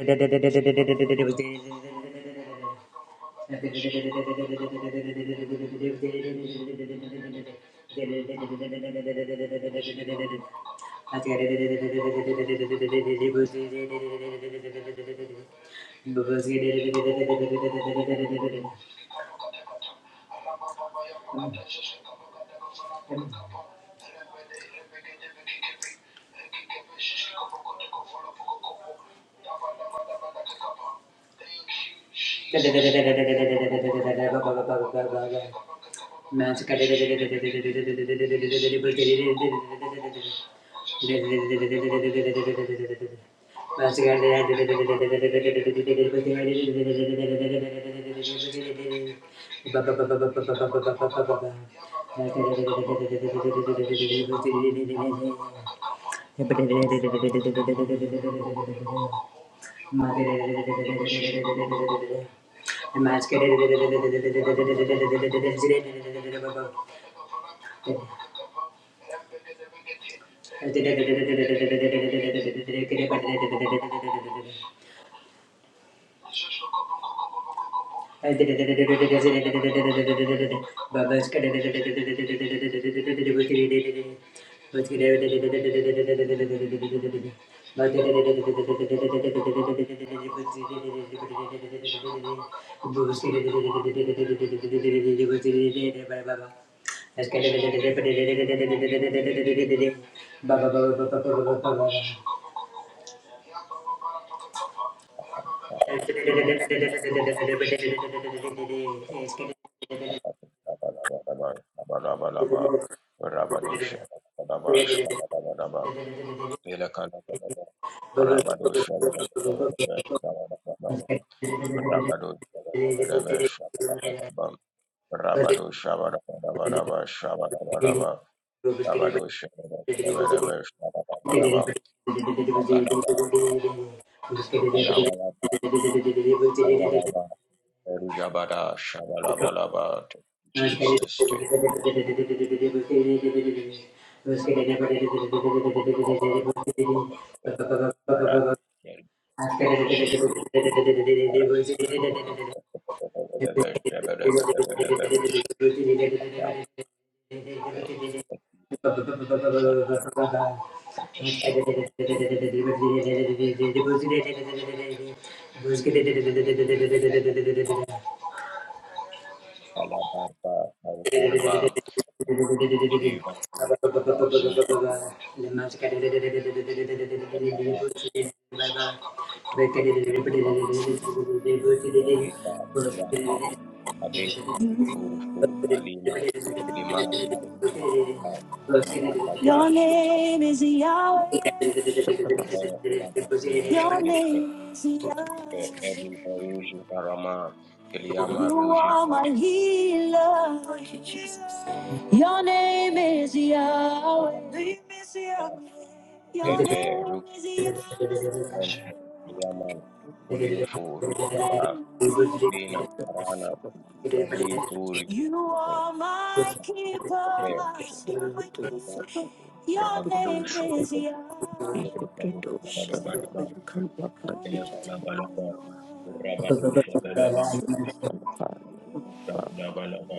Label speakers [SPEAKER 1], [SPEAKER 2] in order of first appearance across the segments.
[SPEAKER 1] Thank you. Mask Baba,
[SPEAKER 2] Rabadabadaba, Rabadushabadabadaba, Shabadabadaba, Ilakadabadaba, Rabadushabadabadaba, Shabadabadaba, Rabadushabadabadaba, Shabadabadaba, Rabadushabadabadaba, Shabadabadaba, Rabadushabadabadaba, Shabadabadaba, Rabadaba, Rabadaba,
[SPEAKER 1] Thank you.
[SPEAKER 2] Rabadaba, Rujabada, Shabalabalaba.
[SPEAKER 1] Thank
[SPEAKER 2] Jesus, take.
[SPEAKER 1] you. Thank
[SPEAKER 3] Your name is Yahweh. Your name is Yahweh.
[SPEAKER 2] Beri Beruji Barama Kiliama
[SPEAKER 3] You
[SPEAKER 2] Ruji
[SPEAKER 3] are my healer. Your
[SPEAKER 2] Barabata
[SPEAKER 3] name is Yahweh. Your
[SPEAKER 2] Tete
[SPEAKER 3] name is
[SPEAKER 2] Rukaba
[SPEAKER 3] Yahweh.
[SPEAKER 2] Mente Kiliaman Kuliofu Rukaba Rina Arana Nabi Turi
[SPEAKER 3] You
[SPEAKER 2] Tete
[SPEAKER 3] are my keeper.
[SPEAKER 2] Baba
[SPEAKER 3] Your
[SPEAKER 2] Rabadu
[SPEAKER 3] name is
[SPEAKER 2] Shabadu
[SPEAKER 3] Yahweh. Who can
[SPEAKER 2] Rabadabadaba Yabalabalaba Rabadu Shabalabalaba Rabadu Shabalabalaba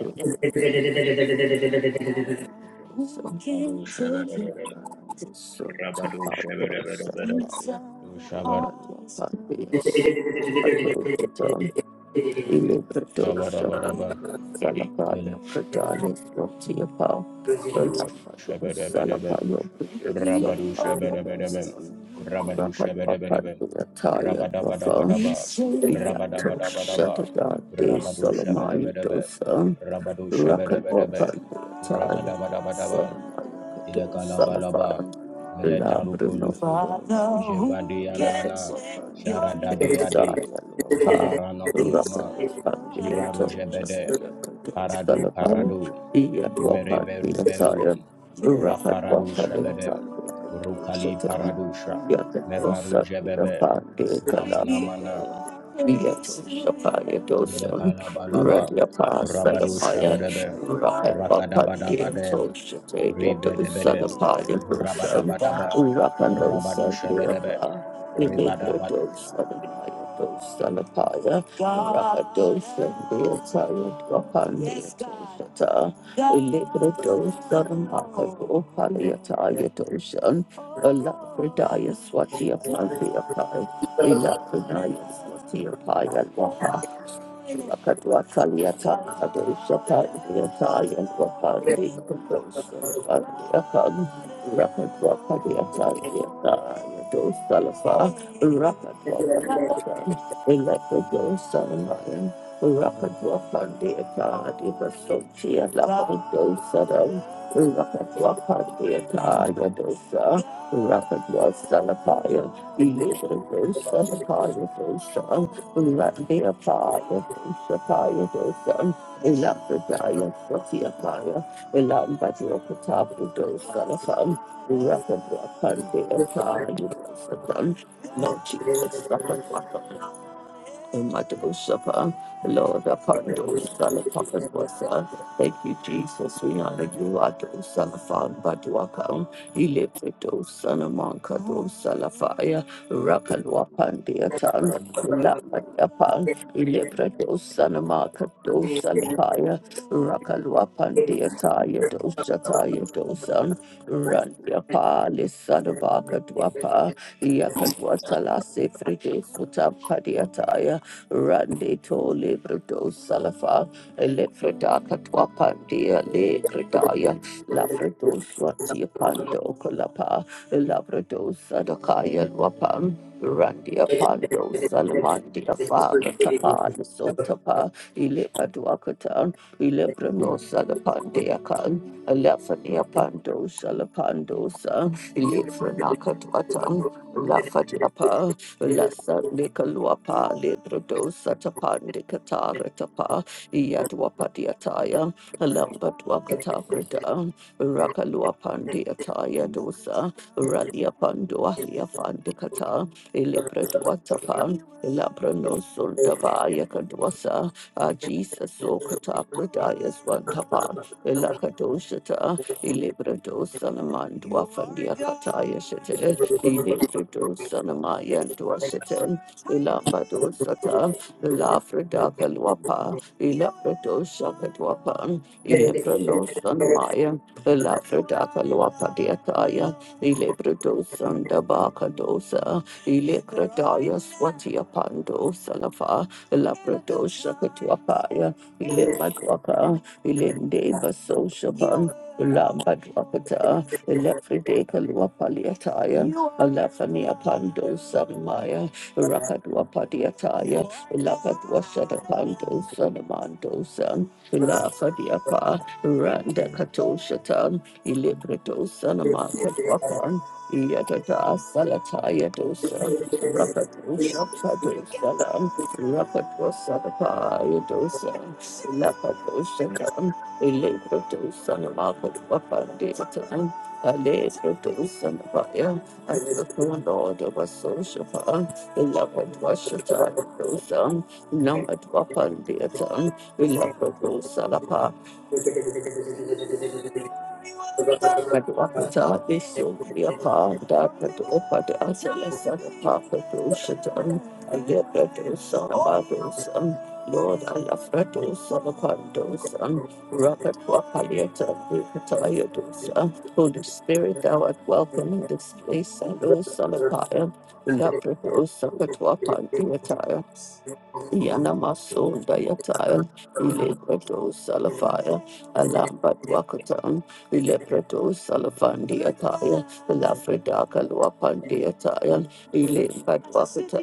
[SPEAKER 2] Rabadu
[SPEAKER 3] take your
[SPEAKER 2] Shabalabalaba
[SPEAKER 3] so to
[SPEAKER 2] Rabadu
[SPEAKER 3] Tapados and
[SPEAKER 2] Shabalabalaba
[SPEAKER 1] Thank
[SPEAKER 3] Pandias, Adotatum, Ilibrados,
[SPEAKER 2] Rabadabadaba.
[SPEAKER 3] Ayados, Salapaya, Pradaya, Rotiapa, Rapados,
[SPEAKER 2] Shabadabadaba.
[SPEAKER 3] Salapaya,
[SPEAKER 2] Rabadu shabadabadaba.
[SPEAKER 3] Salamaya,
[SPEAKER 2] Rabadu shabadabadaba.
[SPEAKER 3] Rapanwapandia, Taya, Rafa,
[SPEAKER 2] Rabadabadabadaba.
[SPEAKER 3] Yato,
[SPEAKER 2] Rabadabadabadaba.
[SPEAKER 3] Shatata, De
[SPEAKER 2] Rabadu
[SPEAKER 3] Solomaya,
[SPEAKER 2] shabadabadaba.
[SPEAKER 3] Dosa,
[SPEAKER 2] Rabadu shabadabadaba.
[SPEAKER 3] Father,
[SPEAKER 2] Rabadabadabadaba. Ilekalabalaba. Meletarukulufu.
[SPEAKER 3] who gets
[SPEAKER 2] Jevandianana.
[SPEAKER 3] in your
[SPEAKER 2] Sharadadiadi. Jivarana
[SPEAKER 3] Rocket,
[SPEAKER 2] kunama. Jivaru jebede. parado. paradu. Mereveru veru, raparado shebede, rukali paradosha, mevaru jebebe, ramanamana,
[SPEAKER 3] Yet, Sapphire Dosum,
[SPEAKER 2] ilekalabalaba,
[SPEAKER 3] Radia
[SPEAKER 2] rabado
[SPEAKER 3] Pasanapaya,
[SPEAKER 2] shebedebe,
[SPEAKER 3] Rapapati, and
[SPEAKER 2] rakadabadabade,
[SPEAKER 3] Toshate,
[SPEAKER 2] ribedebede,
[SPEAKER 3] Sanapaya, Dosam,
[SPEAKER 2] rabadabadaba,
[SPEAKER 3] Rapano
[SPEAKER 2] rabado shebedebe,
[SPEAKER 3] Sandiapa, Imitra Dosanapaya, Dosanapaya, Rapadosandia, Tyrant, Rapani, Toshata, Imitra Dosanapaya, Opaliataya, Dosan, Alapradaya, Swatia, Pandia Pai, Ilapradaya, Swatia, Paya, Lapa. Akatwa Saliata, Adosa Pandiata, and Wapandi, Adosa Pandiakan, Rakatwa Padiata, Diata, Adosa Lafa, Rakatwa Padiata, Elakadosa Mayan, Rakatwa Pandiata, Divasotia, Lapadosa, Rakatwa Pandiata, Adosa, Rakatwa Salapaya, Elakadosa Lapaya, Dosa, Radia Paya, Shapaya Dosan, Elapradaya, Sotia Paya, Elambadia Katapu Dosanafan, Rapid Rapandea Paya Dosan. Lord Jesus, Rapid Rapid Imadabusapa, Lord, upon those Salapakat Wasa. Thank you, Jesus. We honor you, Ado Salafan Baduakam, Ilipito Sanamanka, Do Salafaya, Rakalwapan Deatan, Lapadiapan, Ilipito Sanamaka, Do Salafaya, Rakalwapan Deataya, Do Sataya, Do San, Randiapali Sadabaka Dwapa, Yakadwatala Sefride Sutapadiataya. Rande to Libreto Salafa, Elefrida Catwapandia, Legredaya, Lafredo Swatia Pando Colapa, Labredo Sadakaya Wapan. Randia Pando Salamandia Faga Tapa Sotapa Ilepa Duakatan Ilebrano Salapandia Kan Elefania Pando Salapandosa Ilefranakatwatan Lafadiapa Lasa de Kaluapa, Lebrodo, Satapan de Katara Tapa, Yatwapadiataya, Lambat Wakata Brida, Rakaluapan de Ataya Dosa, Raliapan Duahiafan de Kata, Elebreduatapan, Labrano Sundabaya Kadwasa, Jesus Sokata Bridayas Wantapa, Elakadoshata, Elebredo Salaman Dwafandia Kataya Shete, Ilibridus Sanamaya and Dwashitin, Ilambadus Sata, Ilafridaka Lwapa, Ilabridus Shakadwapan, Ilibrinus Sanamaya, Ilafridaka Lwapa Diataya, Ilibridus Sandabaka Dosa, Ilikradaya Swatia Pando Salafa, Ilabridus Shakatwapaya, Ilimadwaka, Ilinde Baso Shapan, Ilambadwakata, Elefride Kalua Paliataya, Alafania Pando Samaya, Rakadua Padiataya, Elakadua Sadapando Sanamando San, Elafadiapa, Randa kato Katoshatan, Ilibredo Sanamakadwapan, Yadada Salataya Dosa, Rakadosha Padosalam, Rakadwa Sadapaya Dosa, Elakadoshatam, Ilibredo Sanamakadwapan Alice produce and fire, I took the Lord of a social Number Madhwakata Vishwapad Padopad Asalasana Papadushatam Yapadusam Badusam Lord Alafradusam Pandusam Rapatwapalieta Vikataya Dusa Holy Spirit thou art welcome in this place Salo Salapaya Lapradusam Patwapandiataya Yanamason Dayataya Ilibradus Salafaya Alambat Wakatan Ileprato Salafandi Ataya, Lafrida Kalua Pandi Ataya, Ilim Badwakata,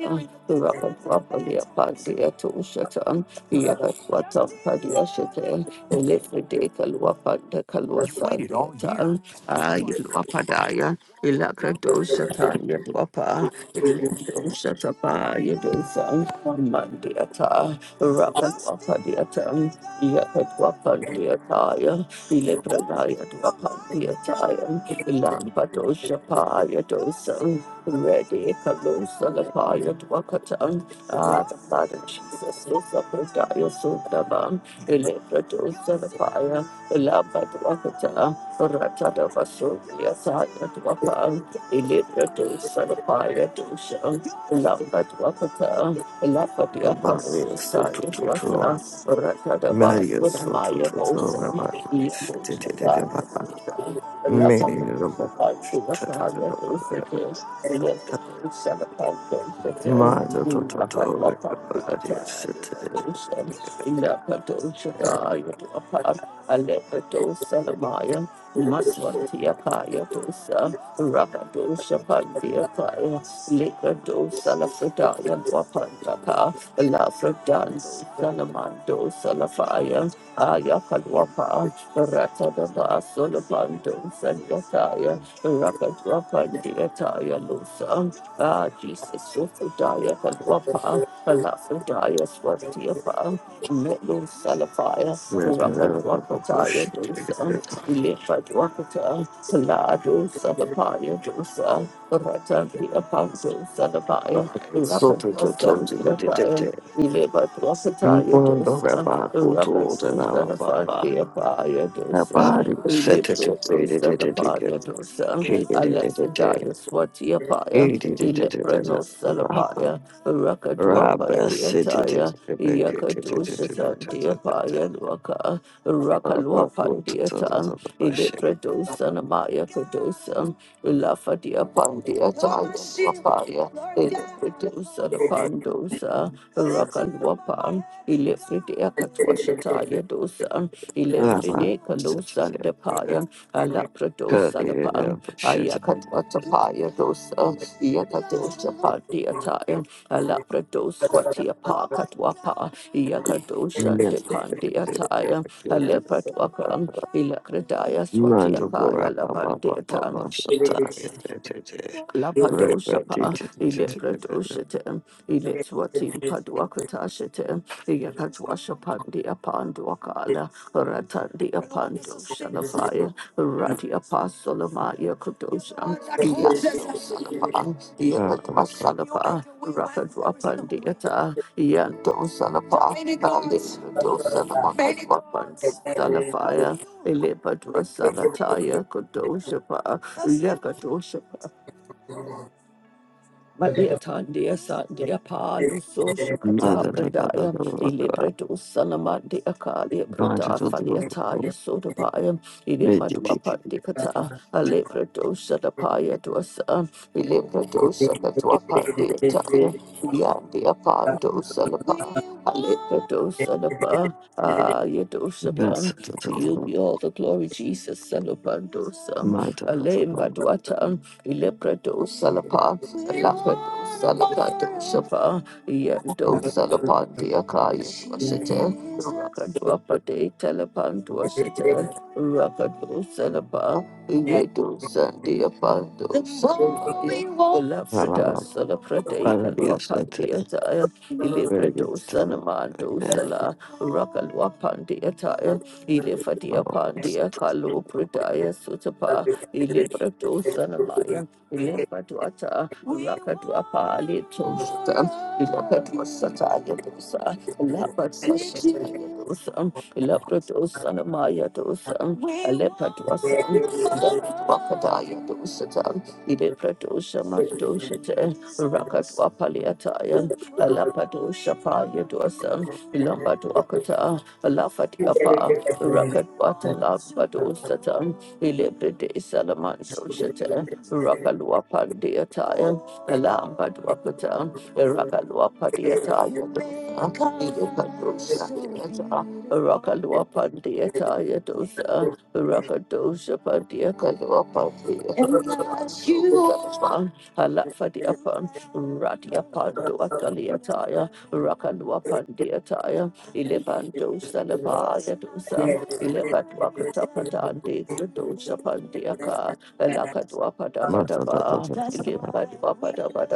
[SPEAKER 3] Rapatwapalia Pandi Atushatan, Yakatwata Padi Ashate, Elefride Kalua Panda Kalua Sandi Atan, Ayelwapadaya, Ilakrado Satan Yadwapa, Ilindo Satapa Yadosan, Mandiata, Rapatwapadiatan, Yakatwapandi Ataya, Ilibranaya Dwakatiatayan, Ilampadosha Payadosam, Ready Kalusala Payadwakatan, Ah, the blood of Jesus, Susapradaya Sundavam, Ilibradosala Paya, Ilambadwakata, Ratada Vasulia Sayadwakam, Ilibradosala Payadosham, Ilambadwakata, Ilambadiapas.
[SPEAKER 4] Rabari Soto
[SPEAKER 3] Tanya Dwasa,
[SPEAKER 4] Toton,
[SPEAKER 3] Ratada
[SPEAKER 4] Maria
[SPEAKER 3] Vasuna
[SPEAKER 4] Soto
[SPEAKER 3] Maya
[SPEAKER 4] Toto,
[SPEAKER 3] Osa,
[SPEAKER 4] Rabari ba Mary Rabu Tatataba, Mata Toto, Rabari Sitititaba,
[SPEAKER 3] Lafredan, Salamando, Salafaya, Ayakalwapa, Ratadaba Solopandum Sandakaya, Rakadwapandiataya Lusa, Ah, Jesus, Sufredaya Kadwapa, Palafredaya Swatiapa, Melu Salafaya,
[SPEAKER 4] Rabu Shitititaba,
[SPEAKER 3] Rakadwapataya
[SPEAKER 4] te te Rabbi,
[SPEAKER 3] Dusa,
[SPEAKER 4] Rabbi, shete.
[SPEAKER 3] Lipatwapata, Ladu Salapaya Dusa, Ratandi Apanzo Salapaya,
[SPEAKER 4] Rabbi, so to to to to te te
[SPEAKER 3] Rakadwasandiataya,
[SPEAKER 4] te.
[SPEAKER 3] Ileba dwasata
[SPEAKER 4] Mondo
[SPEAKER 3] yadosa,
[SPEAKER 4] Rababu
[SPEAKER 3] raka
[SPEAKER 4] te
[SPEAKER 3] dosa the
[SPEAKER 4] Rabbi, Rabbi.
[SPEAKER 3] fandi apa yadosa,
[SPEAKER 4] Rabbi, shete
[SPEAKER 3] ilebro
[SPEAKER 4] te
[SPEAKER 3] dosa
[SPEAKER 4] te
[SPEAKER 3] the pa
[SPEAKER 4] te
[SPEAKER 3] yadosa,
[SPEAKER 4] Kititititaba,
[SPEAKER 3] alexidaya swati apaya, ileprano
[SPEAKER 4] Kititititaba,
[SPEAKER 3] salapaya, raka
[SPEAKER 4] Mother,
[SPEAKER 3] dwapa taya, yaka dosa tandi apaya lwaka, raka lwapa Ilepradosanamaya Kadosam, Ulafadia Pandia Tapaya, Ilepradosanapanosa, Rakalwapan, Ilefridia Katwashataya Dosan, Ilembrine Kalosan Depaya, Alapra Salapang, Ayakatapaya dosa, Yakadosha Pandiataya, Alaprados, Watiapa Katwapa, Yakadosha Depandiataya, Alepatwakam, Ilakradaya Swatiakaya Labandiatam. Lapadoshapa, Ilepradoshate, Iletswatim Paduakatashate, Yakatwashapandi Apanduakala, Ratandi Apando Shalafaya, Rati Apasolamaya Kadosha, Yaso Salapan, Yakatwa Salapa, Rakatwapandiata, Yanto Salapa, Nalido Salamakatwapandi Salafaya, Ilepadwa Salataya Kadoshapa, Yakatoshapa. Madia Tandia Sandia Palu Sosha Kata Bradaya, Ilibredu Salamandi Akalia Brada Faliataya Sodabaya, Ilimadua Pandikata, Alebredu Sadapaya Dwasa, Ilibredu Sadatua Pandiataya, Yandia Pando Salapa, Alebredu Salapa, ah Ayadosapan, to you be all the glory, Jesus Salapandosa, Alem Baduatan. Ilebrado Salapa, Lapado Salakado Shapa, Yendo Salapandi Akaya Swashite, Rakadwa Pade Telepantua Sita, Rakado Salapa, Iredo Sandia Pando Salapaya, Lafrida Salaprade
[SPEAKER 4] Para Dios,
[SPEAKER 3] Kaluapandia Taya, Ilebrado Sanamando Sala, Rakalwapandia Taya, Ilefadia Pandia Kalu Pradaya Sutapa, ilibra to sanamaya, ilibra to ata, raka to apa, lito shata, ilaka to sata, yadosa, ilapa to sata, yadosa, ilabra to sanamaya dosa, alepa to asan, wakata yadosata, ilibra to shamadoshate, raka to apaliataya, alapa to shapa yadosa, ilamba to akata, alafat apa, raka to atala, badosata, Ilibride Salamando Shata, Rakalua Pandiataya, Alamba Dwakata, Rakalua Pandiataya, Ilipadosha, Rakalua Pandiataya Dosa, Rakadosha Pandiakalua Pandiataya. And that's you. Halafadiapan, Radiapando Asaliataya, Rakalua Pandiataya, Ilebando Salapaya Dosa. Ilebadwakatapatande Fridosapandiaka, Lakadwapadabadaba,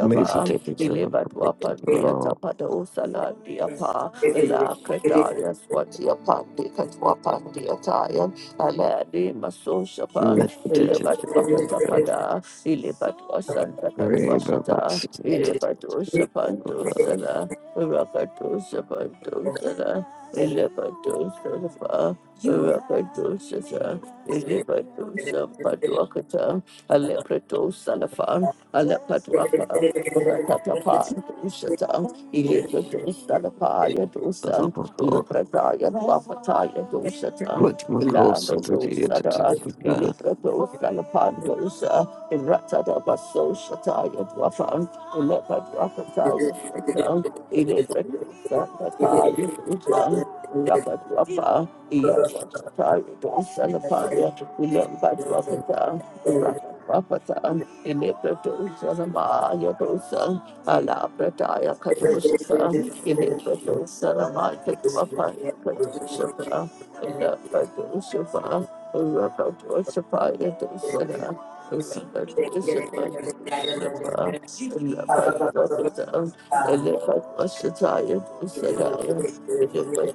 [SPEAKER 4] Macy tickets of a political
[SPEAKER 3] Ilebadwapandiatapadosalandiapa, Lakretaya Swatiapandikatwapandiataya, Aladi Masosapan,
[SPEAKER 4] meditative
[SPEAKER 3] Ilebadwakatapada, Ilebadwasandakatwasata, Ilebadwasapandosala, Rakatosapandosala, Ilebadosala. Rakadosha, Ilibadosha, Paduakata, Alepreto Salafan, Alepaduaka, Rakatapa, Dushata, Ilibreto Salapaya Dosa, Ilubrataya, Wapataya Doshata,
[SPEAKER 4] Quick, McCoy to
[SPEAKER 3] Ilabreto Sada,
[SPEAKER 4] the
[SPEAKER 3] Ilibreto Salapan Dosa, Ratada Baso Shataya Dwafan, Ilepaduakataya Dosa, Ilibreto Salapaya Dosa, Rapatwapa, Yadwakata, Dosanapaya, Lambadwakata, Rapatwapata, Ilipratosanama, Yadosa, Alaprataya Kadoshasa, Ilipratosanama Katwapa, Kadoshapa, Lapadoshapa, Rapatwasapa, Yadosana, Rapatwasapa, Sanapa, Lapatwapata, Ilipratosanaya, Dosanaya, Rapper,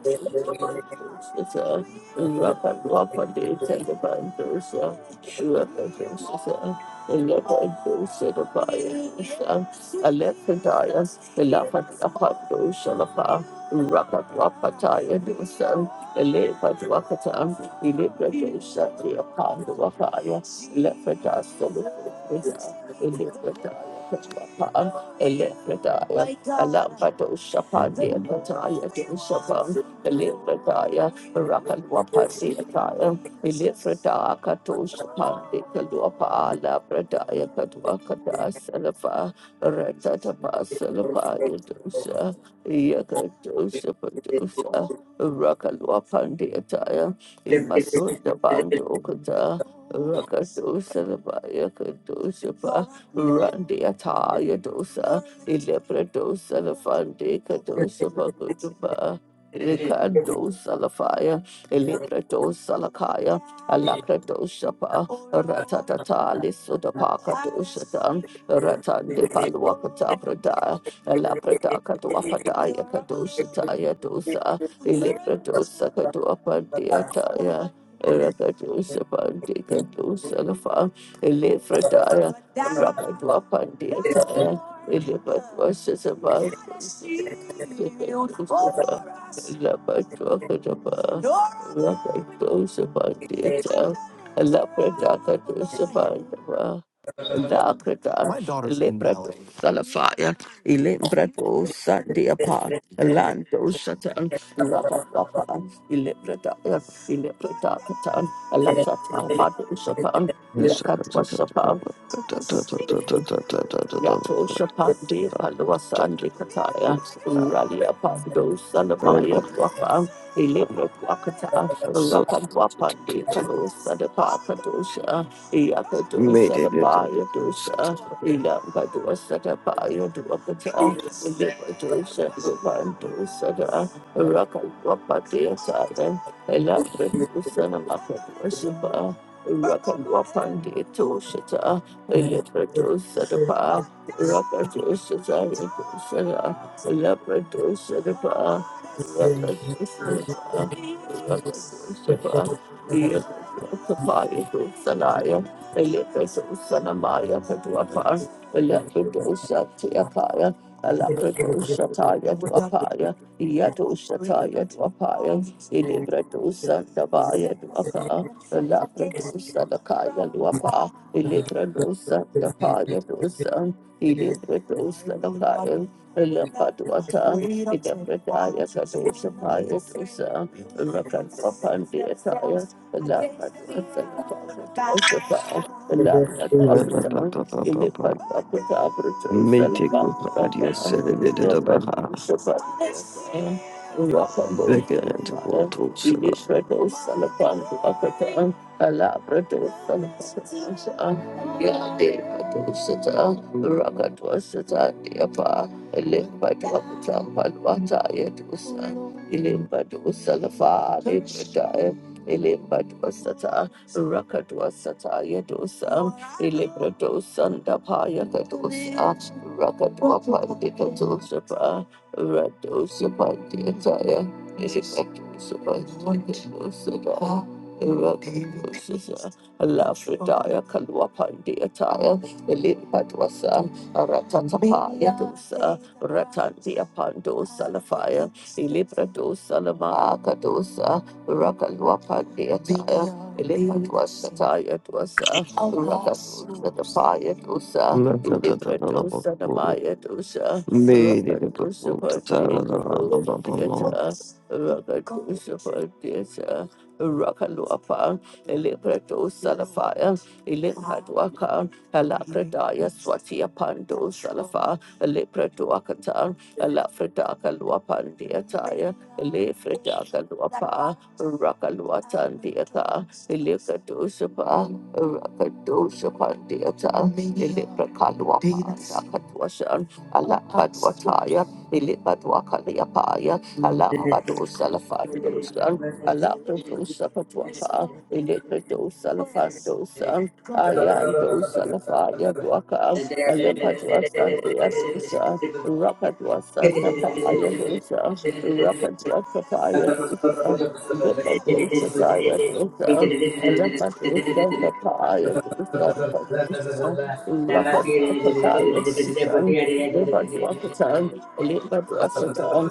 [SPEAKER 3] Elepredaya, Alambado Shapandia Pataya, Shapan, Elepredaya, Rakalwapasi Ataya, Elepredaya Katosha Pandi Kaluapa, Labradaya Katwakada Salafa, Ratatapa Salapa Yadosa, Yakadosa Padosa, Rakalwapandi Ataya, Imasunda Bando Kata, Rakadosa Labaya Kadosha Randiataya dosa, Ilepradosa, the Fandeka dosa, Bakutuba, Rikandosa, the fire. Eliprato Salakaya, Alakrato Shapa, Ratatata, Lisudapaka Dushatan, Ratan de Palwakata Prada, Alaprata Katwapataya Kadushataya Dosa, Eliprato Sakatuapandiataya. Rakadosa Pandika Dosalafa, Elifrataya, Rakadua Pandiataya, Elipatua Sisabaya. My daughter's in ballet. Salafaya, Ilimbrado, Sunday apart, Alando Satan, Rakatapa, Ilibrada, Ilibrada Catan, Alata Tabado Yato Shapandi Paluasa and de Kataya, Uralia Pando Salamaya Dwapa, Ilibra Wakata, Rapan Wapandi
[SPEAKER 4] editor.
[SPEAKER 3] Kalusa de Pakadosha, Yakado
[SPEAKER 4] Mete deta
[SPEAKER 3] Salamaya Dosa,
[SPEAKER 4] sata.
[SPEAKER 3] Ilamba Dosa de Paya Dwakata, Ilibra Dosa de Pandosa, Rapan Wapandi Sada, Elabra Dosa Namakadosha, Rapan Wapandi Toshata, Ilibra Dosa Ilibra dosa, the Pa, Rapadosa the Pa, Rapadosa Pa, Yakapaya, Elikadosa Namaya Paduapa, Lapadosa Tiapaya, Alapradosa Taya Duapaya, Yadosa Taya Duapaya, Ilibradosa Tabaya Duaka, Lapradosa the Kaya Duapa, Ilibradosa the paya dosa, Ili Ilibradosa Lakaya, Lapaduata, Ilabradaya Sadosa Paya Dosa, Rakatwapandiataya, Lapaduata Lakaya,
[SPEAKER 4] Raba ba
[SPEAKER 3] Lapaduapata,
[SPEAKER 4] ba ba ba ba. ba.
[SPEAKER 3] Ilipadwapata, Bradosa
[SPEAKER 4] Mete kupa adia
[SPEAKER 3] Lapaduata,
[SPEAKER 4] sere deta da baha.
[SPEAKER 3] Lapadusa Paya,
[SPEAKER 4] Veke
[SPEAKER 3] Rakabosa
[SPEAKER 4] ente
[SPEAKER 3] Lakaya,
[SPEAKER 4] voto sela.
[SPEAKER 3] Ilishradosa Lapaduapata, Alabradosa Lakaya, Yadea Dosata, Rocket was a Rakatwasata Diapa, Elimbadwakata Palwata Yedusa, Ilimbadusalafa Libradaya, Ilimbadwasata, Rakatwasata Yedusa, Ilibradosanda Payakadusa, Rakatwapandita Josapa, Radosapandiataya, Ilimbadusapandiataya. Rakatwasata, Lafridaya Kalwapandiataya, Ilipadwasa, Ratatapa Yadusa, Ratantia Pando Salafaya, Ilibrado Salamaka dosa, Rakalwapandia Taya, Ilipadwasa Taya dosa, Rakadosa the Paya dosa,
[SPEAKER 4] Mete deta da la
[SPEAKER 3] Ilibrado
[SPEAKER 4] baku.
[SPEAKER 3] Sanamaya dosa,
[SPEAKER 4] Mete de
[SPEAKER 3] Rakadosa
[SPEAKER 4] baku da ba ku ta ta
[SPEAKER 3] Pandia
[SPEAKER 4] da da da
[SPEAKER 3] Kabo
[SPEAKER 4] la ba ba ba
[SPEAKER 3] Padiata, Rakadosa Pandiata, Rakalwapa, Ilibrado Salafaya, Ilimhadwaka. Alabradaya Swati Apando Salafa, Lepraduakata, Alafridaka Luapandiataya, Lefridaka Luapa, Rakaluatandiaka, Elekadosapa, Rakadosapandiata, Eleprakaluapandakatwasan, Alapadwataya, Elepadwakaliapaya,
[SPEAKER 1] you.
[SPEAKER 3] Alambado
[SPEAKER 1] Thank
[SPEAKER 3] Salafa, Alapadosa Patuaka, Electrodosa Lafandosa, Ayandosa Lafaya Duaka, Alempaduasan Deadosa, Rapaduasan Tapaya Dosa, Rapaduasa Tapaya Dosa, Lepadosa Daya Dosa, Alempadosa
[SPEAKER 1] you
[SPEAKER 3] Tapaya Dosa, Padosa, Rapaduasa Daya Dosa, Lepaduasa Tan, Lepaduasa Tan,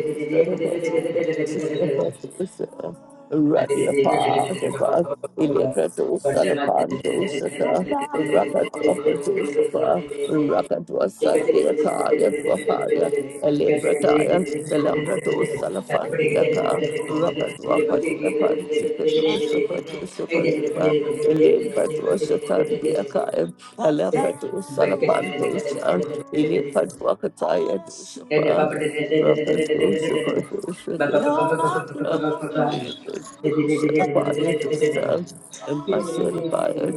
[SPEAKER 1] the you. Thank
[SPEAKER 3] Radi apart about Ilipado Salapando Sata, Rakatwa Padeshapa, Rakatwa Sandia Taya Dwapaya, Eleprataya, Salambrato Salafandiaka, Rakatwa Patia Panti, Kanosa Patusa Patuba, Elaine Patusa Tandi Akaya, Alakatu Salapantosha, Ili
[SPEAKER 1] you.
[SPEAKER 3] Patwa Kataya
[SPEAKER 1] Thank
[SPEAKER 3] Dusapa, Rakatusa Patusa Salapaya Dusa, and Masalapaya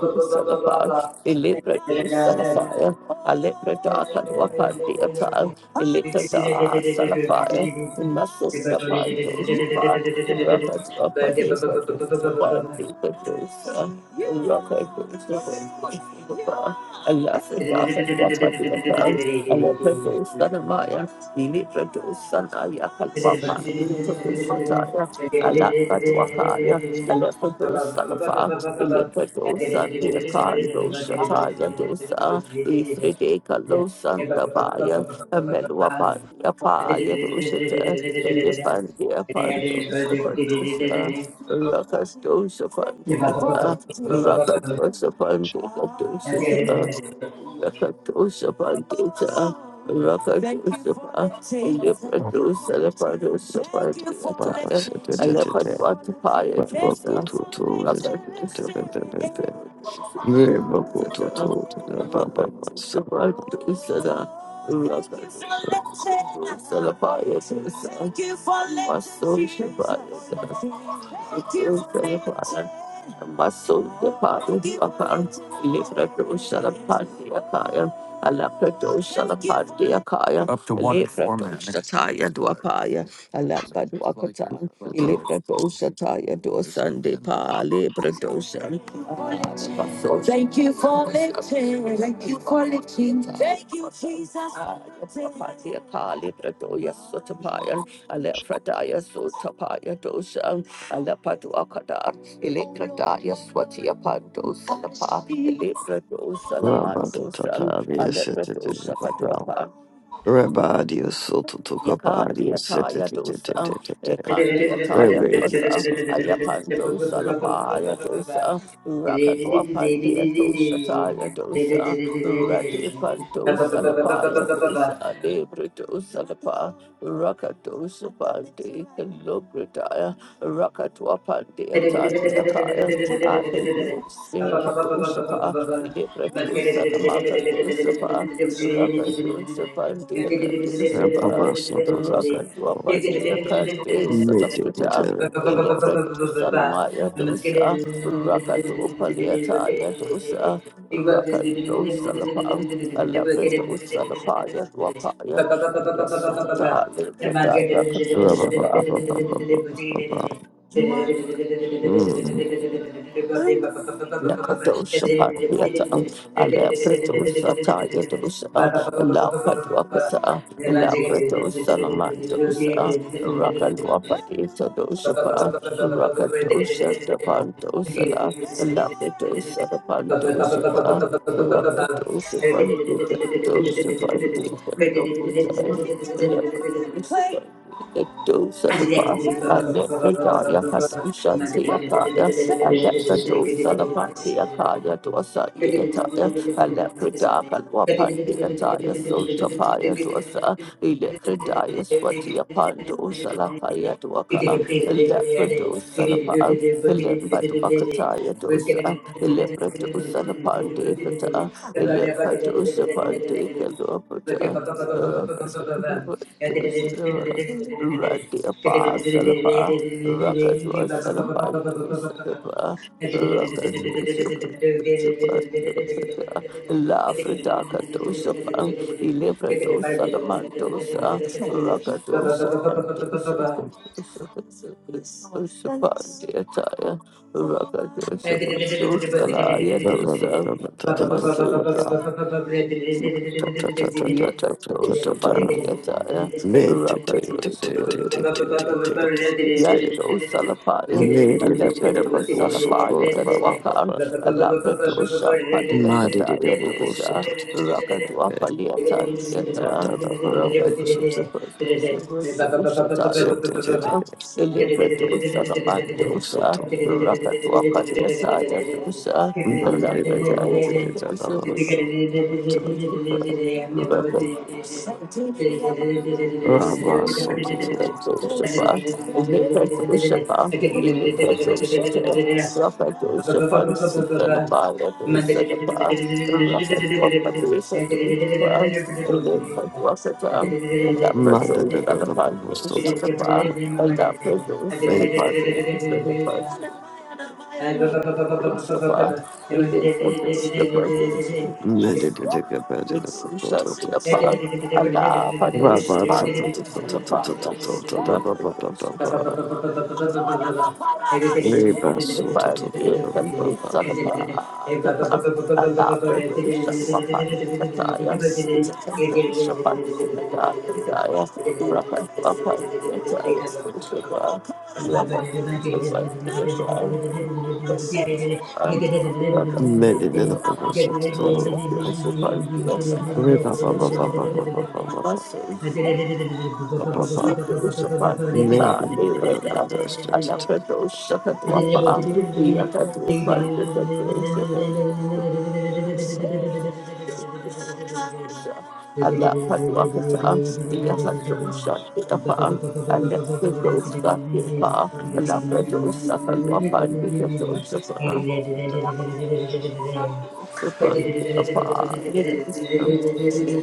[SPEAKER 3] Dusalapa, Ilipra Dusalapaya, Alepra Takan Wakandi Atal. Elikata Salafaya, Muscle Sapan Dosapa, Rapa Drapa Depa Dosapa Depa Dosa, Rapa Dosapa, Alafi Dapa Wapa Depa, Alapa
[SPEAKER 1] you.
[SPEAKER 3] Dosa Namaya, Elitra Dosa Naya Kalwapa,
[SPEAKER 1] Thank
[SPEAKER 3] Elitra Dosa Taya, Alapa Dwakaya, Alapa Dosa Lafa, Elitra Dosa Tiakan Dosa Taya Dosa, Ifride Kalo Santa Meluapandia Pa Yadusita, Lipandia Pandosa Pandosa, Rakastosa Pandita, Rakatosa Pandita Dosa,
[SPEAKER 1] you.
[SPEAKER 3] Rakatosa Pandita, Rakatosa Pandita,
[SPEAKER 4] ba.
[SPEAKER 3] Lipandosa Lapandosa
[SPEAKER 4] Baba
[SPEAKER 3] Pandita,
[SPEAKER 4] se te te te. te.
[SPEAKER 3] Alepanwata Paya
[SPEAKER 4] Raba
[SPEAKER 3] Dosa,
[SPEAKER 4] kuto to zete te te
[SPEAKER 3] Rakatosa
[SPEAKER 4] te te te te. Raba kuto
[SPEAKER 3] Pandita,
[SPEAKER 4] to te te ba ba ba sa.
[SPEAKER 3] Rakatosa Pandita, up to one informant. Thank you for lifting. Thank you for lifting. Thank you. Jesus, Ayapatia Kali Pradoya Sotapayan, Alefradaya Sotapaya Dosan, Alapaduakadar, Electradaya Swatia Pando Salapa, Elepradosa
[SPEAKER 4] Raba da ta ta
[SPEAKER 3] Lamandosan,
[SPEAKER 4] adia sete te te
[SPEAKER 3] Alepradosa
[SPEAKER 4] ba ba.
[SPEAKER 3] Paduapa,
[SPEAKER 4] Rabba Dios soto toka pa Dios sete
[SPEAKER 3] Yakandiataya
[SPEAKER 4] te te te te
[SPEAKER 3] dosa,
[SPEAKER 4] te te.
[SPEAKER 1] Thank
[SPEAKER 3] Ekandiataya
[SPEAKER 4] Rabba
[SPEAKER 3] dosa,
[SPEAKER 4] Dios
[SPEAKER 3] Ayapandosa lapaya dosa, Rakadwapandia dosa taya dosa, Radipandosa lapaya dosa, Libredosa lapa, Rakadosa pandi, Lubretaya,
[SPEAKER 1] Let's
[SPEAKER 3] Rakadwapandia tandiakaya. I thank you, Holy Spirit, Kadosa pa, Libredosa namakadosa pa, Rakadosa pandia kadosa
[SPEAKER 4] Rabba
[SPEAKER 3] pa,
[SPEAKER 4] ba soto soto
[SPEAKER 3] Rakadua
[SPEAKER 4] soto.
[SPEAKER 3] Paltia Kate
[SPEAKER 4] Mete mete
[SPEAKER 3] Salafrita,
[SPEAKER 4] Rabba
[SPEAKER 3] Elepredosa Namaya dosa, Rakadu Paliataya dosa, Rakadosa Lapang, Alapredosa Lapaya Wapaya, Yasota Lekadaya
[SPEAKER 4] ba ba ba
[SPEAKER 3] Kadosapa.
[SPEAKER 4] ba ba ba ba ba.
[SPEAKER 1] Thank
[SPEAKER 4] Mm.
[SPEAKER 3] Lakatosha Pandiata, Alepretosa Tayatosa, Lapadwakata, Lapretosa Lamantosa, Rakalwapatita Doshapa, Rakatosha the Pantosala, Lapretosa the Pantosapa, Rakatosa Pandita Dosa Pandita Lokita, Lakatosa the dose of the
[SPEAKER 1] Thank
[SPEAKER 3] past. I let the Daya Hasunshan the Akaya. I let the dose of the
[SPEAKER 1] you.
[SPEAKER 3] past the Akaya to a Sunday
[SPEAKER 1] Thank
[SPEAKER 3] attire. I let the dark and wapan the attire. So tapaya to a sir. Electric Daya Swati upon dose of the Haya to a car. Electric dose of the past. Elimba to a Kataya dosa, Electric dose of the Pandekata, Elimba dosa Pandeka Lopata. Randy Apa Salapa Rakadwa Salapanto
[SPEAKER 1] you.
[SPEAKER 3] Sadapa Rakadwa Supanto Sada La Fridaka Dosapa Ilibrato Salamanto Sa Rakadwa Sapanto
[SPEAKER 1] Baba,
[SPEAKER 3] Supandiataya Rakadwa
[SPEAKER 1] Thank
[SPEAKER 3] Sapanto Salaya
[SPEAKER 4] Rabba ba
[SPEAKER 3] Dosa
[SPEAKER 4] ba ba ta ta ta ta ta
[SPEAKER 3] Masunda
[SPEAKER 4] ta. Ta ta ta ta ta ta ta ta
[SPEAKER 3] Yakatosa
[SPEAKER 4] ta ta.
[SPEAKER 3] Pandiataya
[SPEAKER 4] Mete te
[SPEAKER 3] Yando
[SPEAKER 4] te te te te te te te te te.
[SPEAKER 3] Salafaya,
[SPEAKER 4] Mete te te da
[SPEAKER 3] Alepreto
[SPEAKER 4] ba go soko
[SPEAKER 3] Salafaya
[SPEAKER 4] ba ba ba
[SPEAKER 3] Kadwakan,
[SPEAKER 4] ba.
[SPEAKER 3] Alapreto Shapadia
[SPEAKER 4] Ma de de de
[SPEAKER 3] Kadaya
[SPEAKER 4] ba go
[SPEAKER 3] Dosa,
[SPEAKER 4] soto
[SPEAKER 3] Rakadwa
[SPEAKER 4] soto.
[SPEAKER 1] Thank
[SPEAKER 3] Paliata
[SPEAKER 4] Rabba
[SPEAKER 3] Dieta, Rakadu Superdusatu Shataya Dosa, Alepreto Salamandosa, Rakadwa Paliata Dosa, Alapredaya Dosa, Rakadu Likatoshapa, Likatoshapa, Ilikatoshate,
[SPEAKER 1] you. Thank
[SPEAKER 3] Rakatoshapan, Sitanapa, Lakosatapa, Rakatwapatisa, Doshapa, Ilikatwasata, Laprato, Sanapan, Sanapa, Laprato, Sanapan, Sanapan, Doshapa, Ilikatoshapa, Ritsusha Silapa, Allah. Rapa
[SPEAKER 1] Thank
[SPEAKER 3] Muscles
[SPEAKER 1] you. Thank
[SPEAKER 3] Thank you.
[SPEAKER 4] Made it over the Madrasans.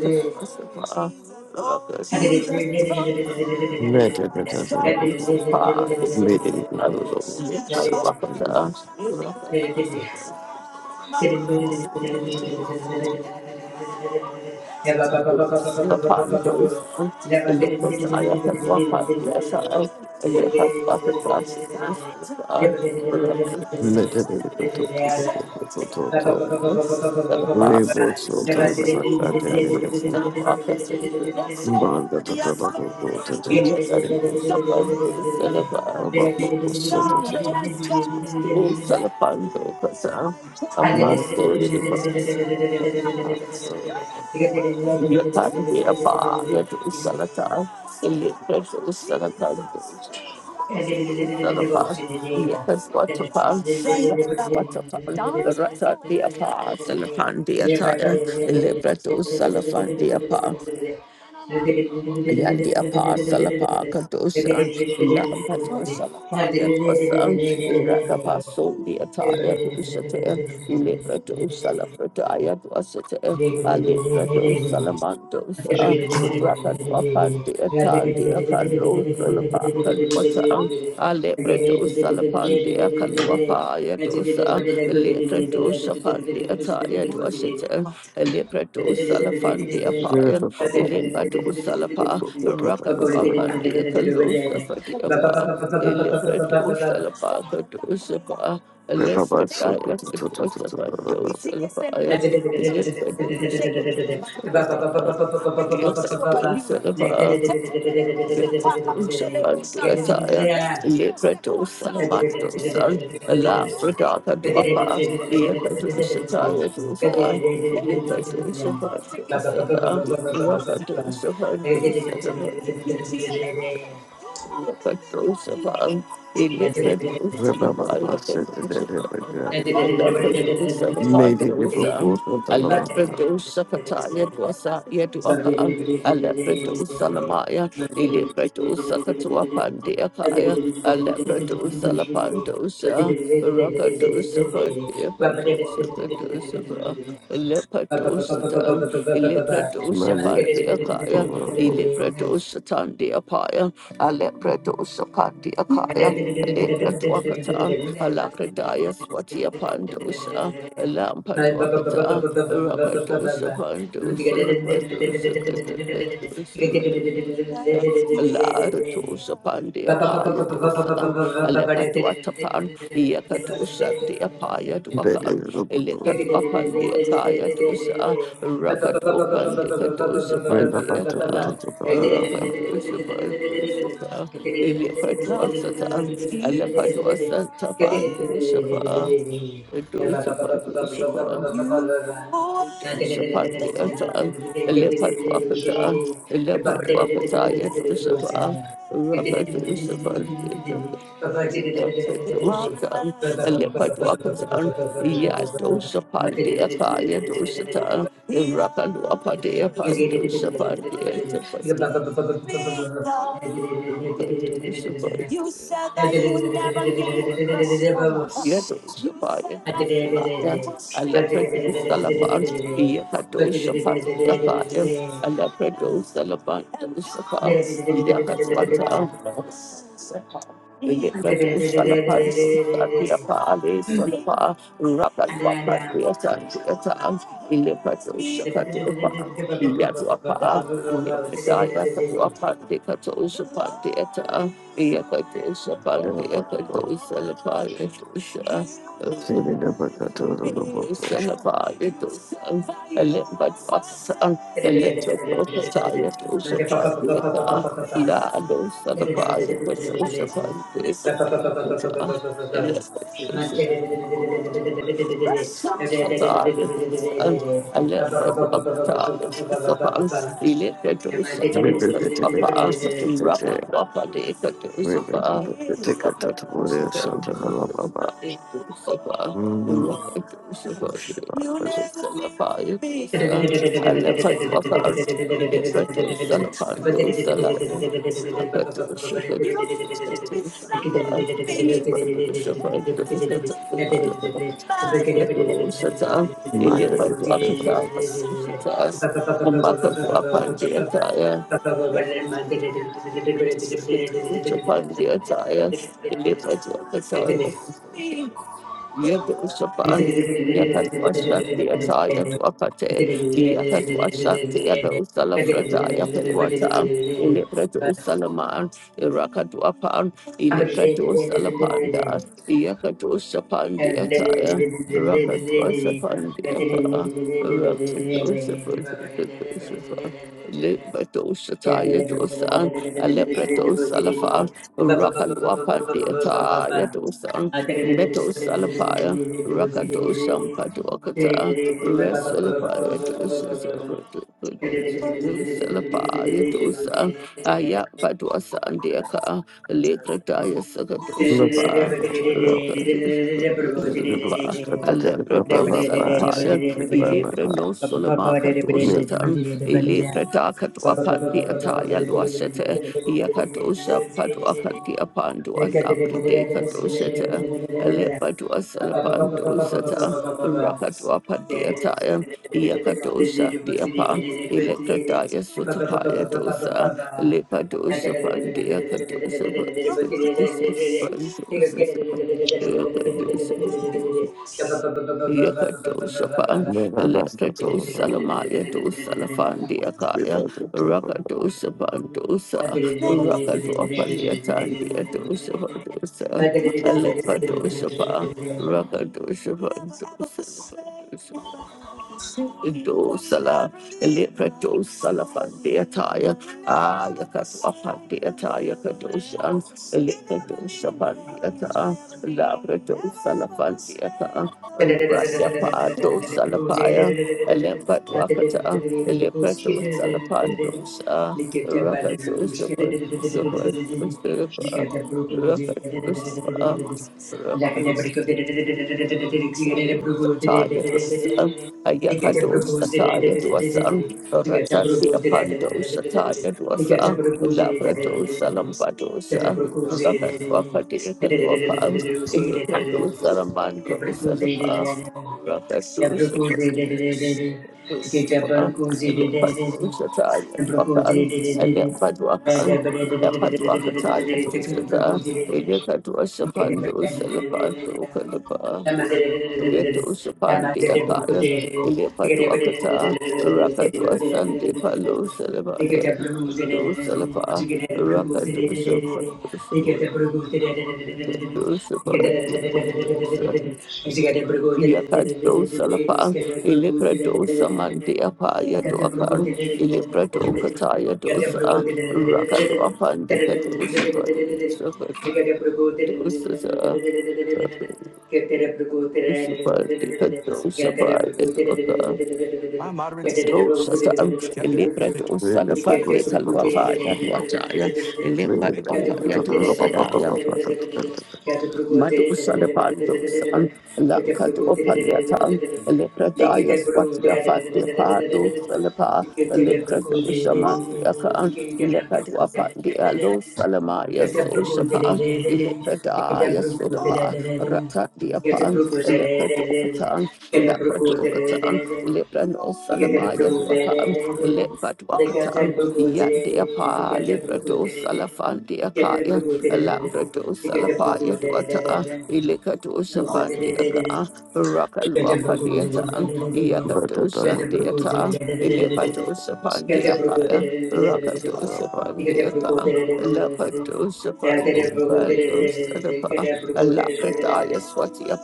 [SPEAKER 1] you.
[SPEAKER 3] Jesus. It's a
[SPEAKER 4] Metacatasanamako.
[SPEAKER 3] part, It's
[SPEAKER 4] Made it
[SPEAKER 3] I'm
[SPEAKER 4] over the Satsatanas.
[SPEAKER 1] Thank you. Thank
[SPEAKER 3] Thank you. know, and upon those, and look at the eye up and walk on the earth, and if I walk up the
[SPEAKER 4] Metacatato.
[SPEAKER 3] earth, Looks for the Father,
[SPEAKER 4] Rebels
[SPEAKER 3] the
[SPEAKER 4] sold
[SPEAKER 3] Son,
[SPEAKER 4] to Toto. Reboot so to the
[SPEAKER 3] and the Holy
[SPEAKER 4] Madrasan in Yavana.
[SPEAKER 3] Spirit, prophets, and the Yes, Lord.
[SPEAKER 4] Banda
[SPEAKER 3] Yes,
[SPEAKER 4] Tatanamako.
[SPEAKER 3] Lord.
[SPEAKER 4] Tatans.
[SPEAKER 3] Yes, Lord. the Silver.
[SPEAKER 4] Ababa was
[SPEAKER 3] Yes,
[SPEAKER 4] sold to the
[SPEAKER 3] God. Yes,
[SPEAKER 4] Tatans.
[SPEAKER 3] God. Still
[SPEAKER 1] you.
[SPEAKER 3] Salapando, Pasa, a
[SPEAKER 1] I did
[SPEAKER 4] Made
[SPEAKER 3] master Shiva.
[SPEAKER 4] it
[SPEAKER 3] Yatan, the Apa, Yatu Salata, the Litres of Salatando, Salapas, Yakas Watapan, Watapan, Rata Diapa, Salapan Diatire, Ilibra do Salafan Diapa, Yandi apa salapa kadosan, lamba dwa salapa yadwasan, irakapa sondi ataya dosate, libra dosa
[SPEAKER 1] it.
[SPEAKER 3] lafrataya dwasate,
[SPEAKER 1] Thank
[SPEAKER 3] alibra dosa
[SPEAKER 1] you.
[SPEAKER 3] lamandosa, raka dwapa diatan diakalo salapa kadwata, alibra dosa lapandia kalwapa yadosa, Lekratu Shafandi Ataya Dwashatan, Lepratu Salafandi Apayan, Limbadu Salapa, Rakadwapandi Kalusa Fatiapa, Lepratu Salapa Katu Shapa, Lepratia Katu Sapanto
[SPEAKER 4] Repapa,
[SPEAKER 1] Ba
[SPEAKER 3] Salapaya.
[SPEAKER 1] ba
[SPEAKER 3] Little Yakadoshavan,
[SPEAKER 4] Mother,
[SPEAKER 3] Elekadoshavan, Yakadoshavan, Alakadoshavan, Dosan,
[SPEAKER 1] Thank
[SPEAKER 3] Alepradosakataya
[SPEAKER 1] you.
[SPEAKER 3] dosa, Yaduaka,
[SPEAKER 1] Namaste.
[SPEAKER 3] Alepradosalamaya, Elepradosakatuapandiakaya, Alepradosalapandosha, Rakadosapandiyapatosakadosapa, Alepatosatan, Elekadosapandiyakaya, Elepradosatandiapaya, a lepra dosa pandi akaya,
[SPEAKER 1] Thank
[SPEAKER 3] a lepra duakata, a lakradaya swatia pandosa, a rakadosa pandosa, padosa katadosa. La dosa pandi akaya dosa, a lepa duatapan, yakadosa diapaya
[SPEAKER 1] you.
[SPEAKER 3] duakan, elekatwa pandi akaya dosa, rakadwa pandi Raka Joshua, Joshua, Elephant was at a tongue, elephant was at a tapandu shapa, Rapid
[SPEAKER 1] Baba and
[SPEAKER 3] you said that you would never leave us alone. Yakatos, Salapan, Satia, Pale, Solapa, Rapat wapat biasa biasa Ile pasu syakat upa Iya tu apa Ile pesa ya katu apa Di katu usupan di eta Iya katu usupan di eta Itu usulapa Itu usupan Usulapa Itu usupan Ile pasu Ile katu pesa ya tu usupan di eta Ila ada usulapa Ile pasu usupan di eta Ile Rapper,
[SPEAKER 1] the Thank
[SPEAKER 5] Thank
[SPEAKER 3] Yato Shata, Ileba Dwakata, Pasu Shata, Umbaka Dwapandiataya, Yato Shapandiataya, Ileba Dwakata,
[SPEAKER 1] yeah.
[SPEAKER 3] Yedosapan, Yakatwasati Ataya Dwakate, Yakatwasati Adosala Frataya Pelwata, Ilepreto Salaman, Irakatwapan, Ilepreto Salapanda, Yakatosapan de Ataya, Rakatwasapan de Apa, Rakatosapa, Limbadosataya Dosan, Alepreto Salafan, Rakalwapan de Ataya Dosan.
[SPEAKER 1] Thank
[SPEAKER 3] Meto Salapaya, Rakato Sampatuakata,
[SPEAKER 1] you.
[SPEAKER 3] Resalapaya Dosa, Salapaya Dosa, Aya Patuasa and Deaka, Lekrataya Sakatosapa.
[SPEAKER 4] With the
[SPEAKER 3] Rakadusapa,
[SPEAKER 4] book,
[SPEAKER 3] Alepretto
[SPEAKER 4] Baba,
[SPEAKER 3] Salapaya,
[SPEAKER 4] Baba,
[SPEAKER 3] Ilibra
[SPEAKER 4] Baba,
[SPEAKER 3] no Solamaka
[SPEAKER 4] Nick,
[SPEAKER 3] dosatan, Ilibra Dakatwapa diataya luasete, Yakatosha Paduaka diapandu at Labrideka Alepadua Salapandosata, Rakatua
[SPEAKER 1] Thank
[SPEAKER 3] Pandiataya, Yakadosha Diapan, Electrataya Sutapaya Dosa, Lepadosa Pandia Kadosa Yakadosapa,
[SPEAKER 4] no, no, that's not talking about.
[SPEAKER 3] Electrodosalamaya dosalafandia
[SPEAKER 4] We
[SPEAKER 3] kaya,
[SPEAKER 4] don't do too much.
[SPEAKER 3] Rakadosapandosa, Rakadopalia tandia dosa dosa. Alepadoshapa,
[SPEAKER 1] you.
[SPEAKER 3] Rakadoshapa, Doshapa, Indo Sala, Eleprato Salafandiataya, Ayakaswapandiataya Kadoshan, Elepatoshapandiata, Labrato Salafandiata,
[SPEAKER 1] Look at
[SPEAKER 3] Rasyapado Salapaya, Elembatuakata, Eleprato Salapandosha, Rakato Sapa, Sapa, Sapa, Rakadosha, Sataya dosan, Ayakadosa taya dosan, Ratsatia pandosa taya dosa,
[SPEAKER 6] Thank
[SPEAKER 3] Labradosa lampadosa, Rakadwapadia kalwapang,
[SPEAKER 1] the
[SPEAKER 3] Ilipradosa ramandosa
[SPEAKER 1] Jabberwocky,
[SPEAKER 3] lapas, Rakadosa
[SPEAKER 1] Jabberwocky,
[SPEAKER 3] padosa.
[SPEAKER 1] Jabberwocky, Jabberwocky,
[SPEAKER 3] Ilipadosa
[SPEAKER 1] Thank
[SPEAKER 3] taya dosan, Lapaduakataya dosata, Ilekadwasapandu Salapandu Kadapa, Yetusapandi Akaya, Ilepaduakata, Rakadwasandi Palo Salapa, Dosalapa, Rakadosapandu Salapa, Yakadosapandi Pandusa. Yakado Salapan, Ilebrado
[SPEAKER 1] you.
[SPEAKER 3] Samandia Paya Doapan,
[SPEAKER 1] Get
[SPEAKER 3] Ilebrado Kataya Dosa, Rakaluapan Dikadosa Pandosa Dosa, Superdikadosa Paya Doapan. My moderate. today, Dosa Sam, Thomas, kept me out of Elebra the
[SPEAKER 4] We need to put some good on the woman. We need to put it in the rubber, rubber, rubber, rubber, rubber,
[SPEAKER 3] Madusa the Pandos and Lankado Paliatan,
[SPEAKER 1] the Get
[SPEAKER 3] Lepradaya Swatia Fatia Pado Salapa, Leprado Shamandiakan, Ilepradua Pandia Lo Salamaya Sosapa, Ilepradaya Sodapa, Ratatia Pan, Leprado Katan, Leprado Katan, Leprano Salamaya Wapan, Lepradua Katan, Yandia Pa, Leprado Salafandia Kaya, Alambrado Salapaya Dwata, Ilikato
[SPEAKER 1] a
[SPEAKER 3] Shapandiaka,
[SPEAKER 1] Get a
[SPEAKER 3] Rakalwa
[SPEAKER 1] broco,
[SPEAKER 3] Padiata,
[SPEAKER 4] rubber, rubber,
[SPEAKER 3] Yakato
[SPEAKER 1] Get
[SPEAKER 4] rubber, rubber,
[SPEAKER 1] a
[SPEAKER 4] put
[SPEAKER 1] broco,
[SPEAKER 4] it
[SPEAKER 3] Shandiata,
[SPEAKER 4] in the rubber,
[SPEAKER 3] Ilipato
[SPEAKER 4] rubber,
[SPEAKER 1] Get a broco, Get a broco, Get
[SPEAKER 3] Shapandiaka, Rakato
[SPEAKER 4] rubber, rubber.
[SPEAKER 1] a broco,
[SPEAKER 3] Shapandiaka, Lapato Shapandi Bando Sadapa, Alakrataya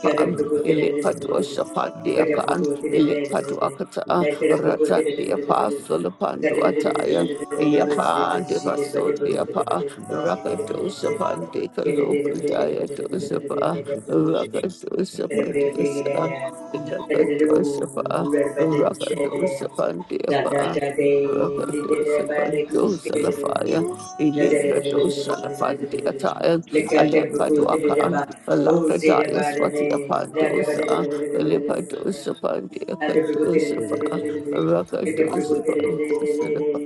[SPEAKER 1] Get a broco,
[SPEAKER 3] Ilipato Shapandiaka, Ilipato Akata,
[SPEAKER 1] let it procure
[SPEAKER 3] Ratan the Apostle
[SPEAKER 1] that
[SPEAKER 3] Panduataya, Yapa Devaso Deapa. Rakatosha Pandeka
[SPEAKER 1] it
[SPEAKER 3] Lokudaya Tosapa,
[SPEAKER 1] is
[SPEAKER 3] Rakatosha
[SPEAKER 1] Who's
[SPEAKER 3] Patosa, Lakatosha Pa, Rakatosha Pandeapa,
[SPEAKER 5] you.
[SPEAKER 3] Rakatosha Pandosa Lafaya,
[SPEAKER 5] Thank
[SPEAKER 3] Elebratosha Lafandiataya, Alambaduakan,
[SPEAKER 1] it
[SPEAKER 3] Alakadaya
[SPEAKER 1] about
[SPEAKER 3] Swatia Pandosa, Elepadosa
[SPEAKER 1] it? Thank
[SPEAKER 3] Pandiakatosha Pa, Rakatosha Pandosa Lapa,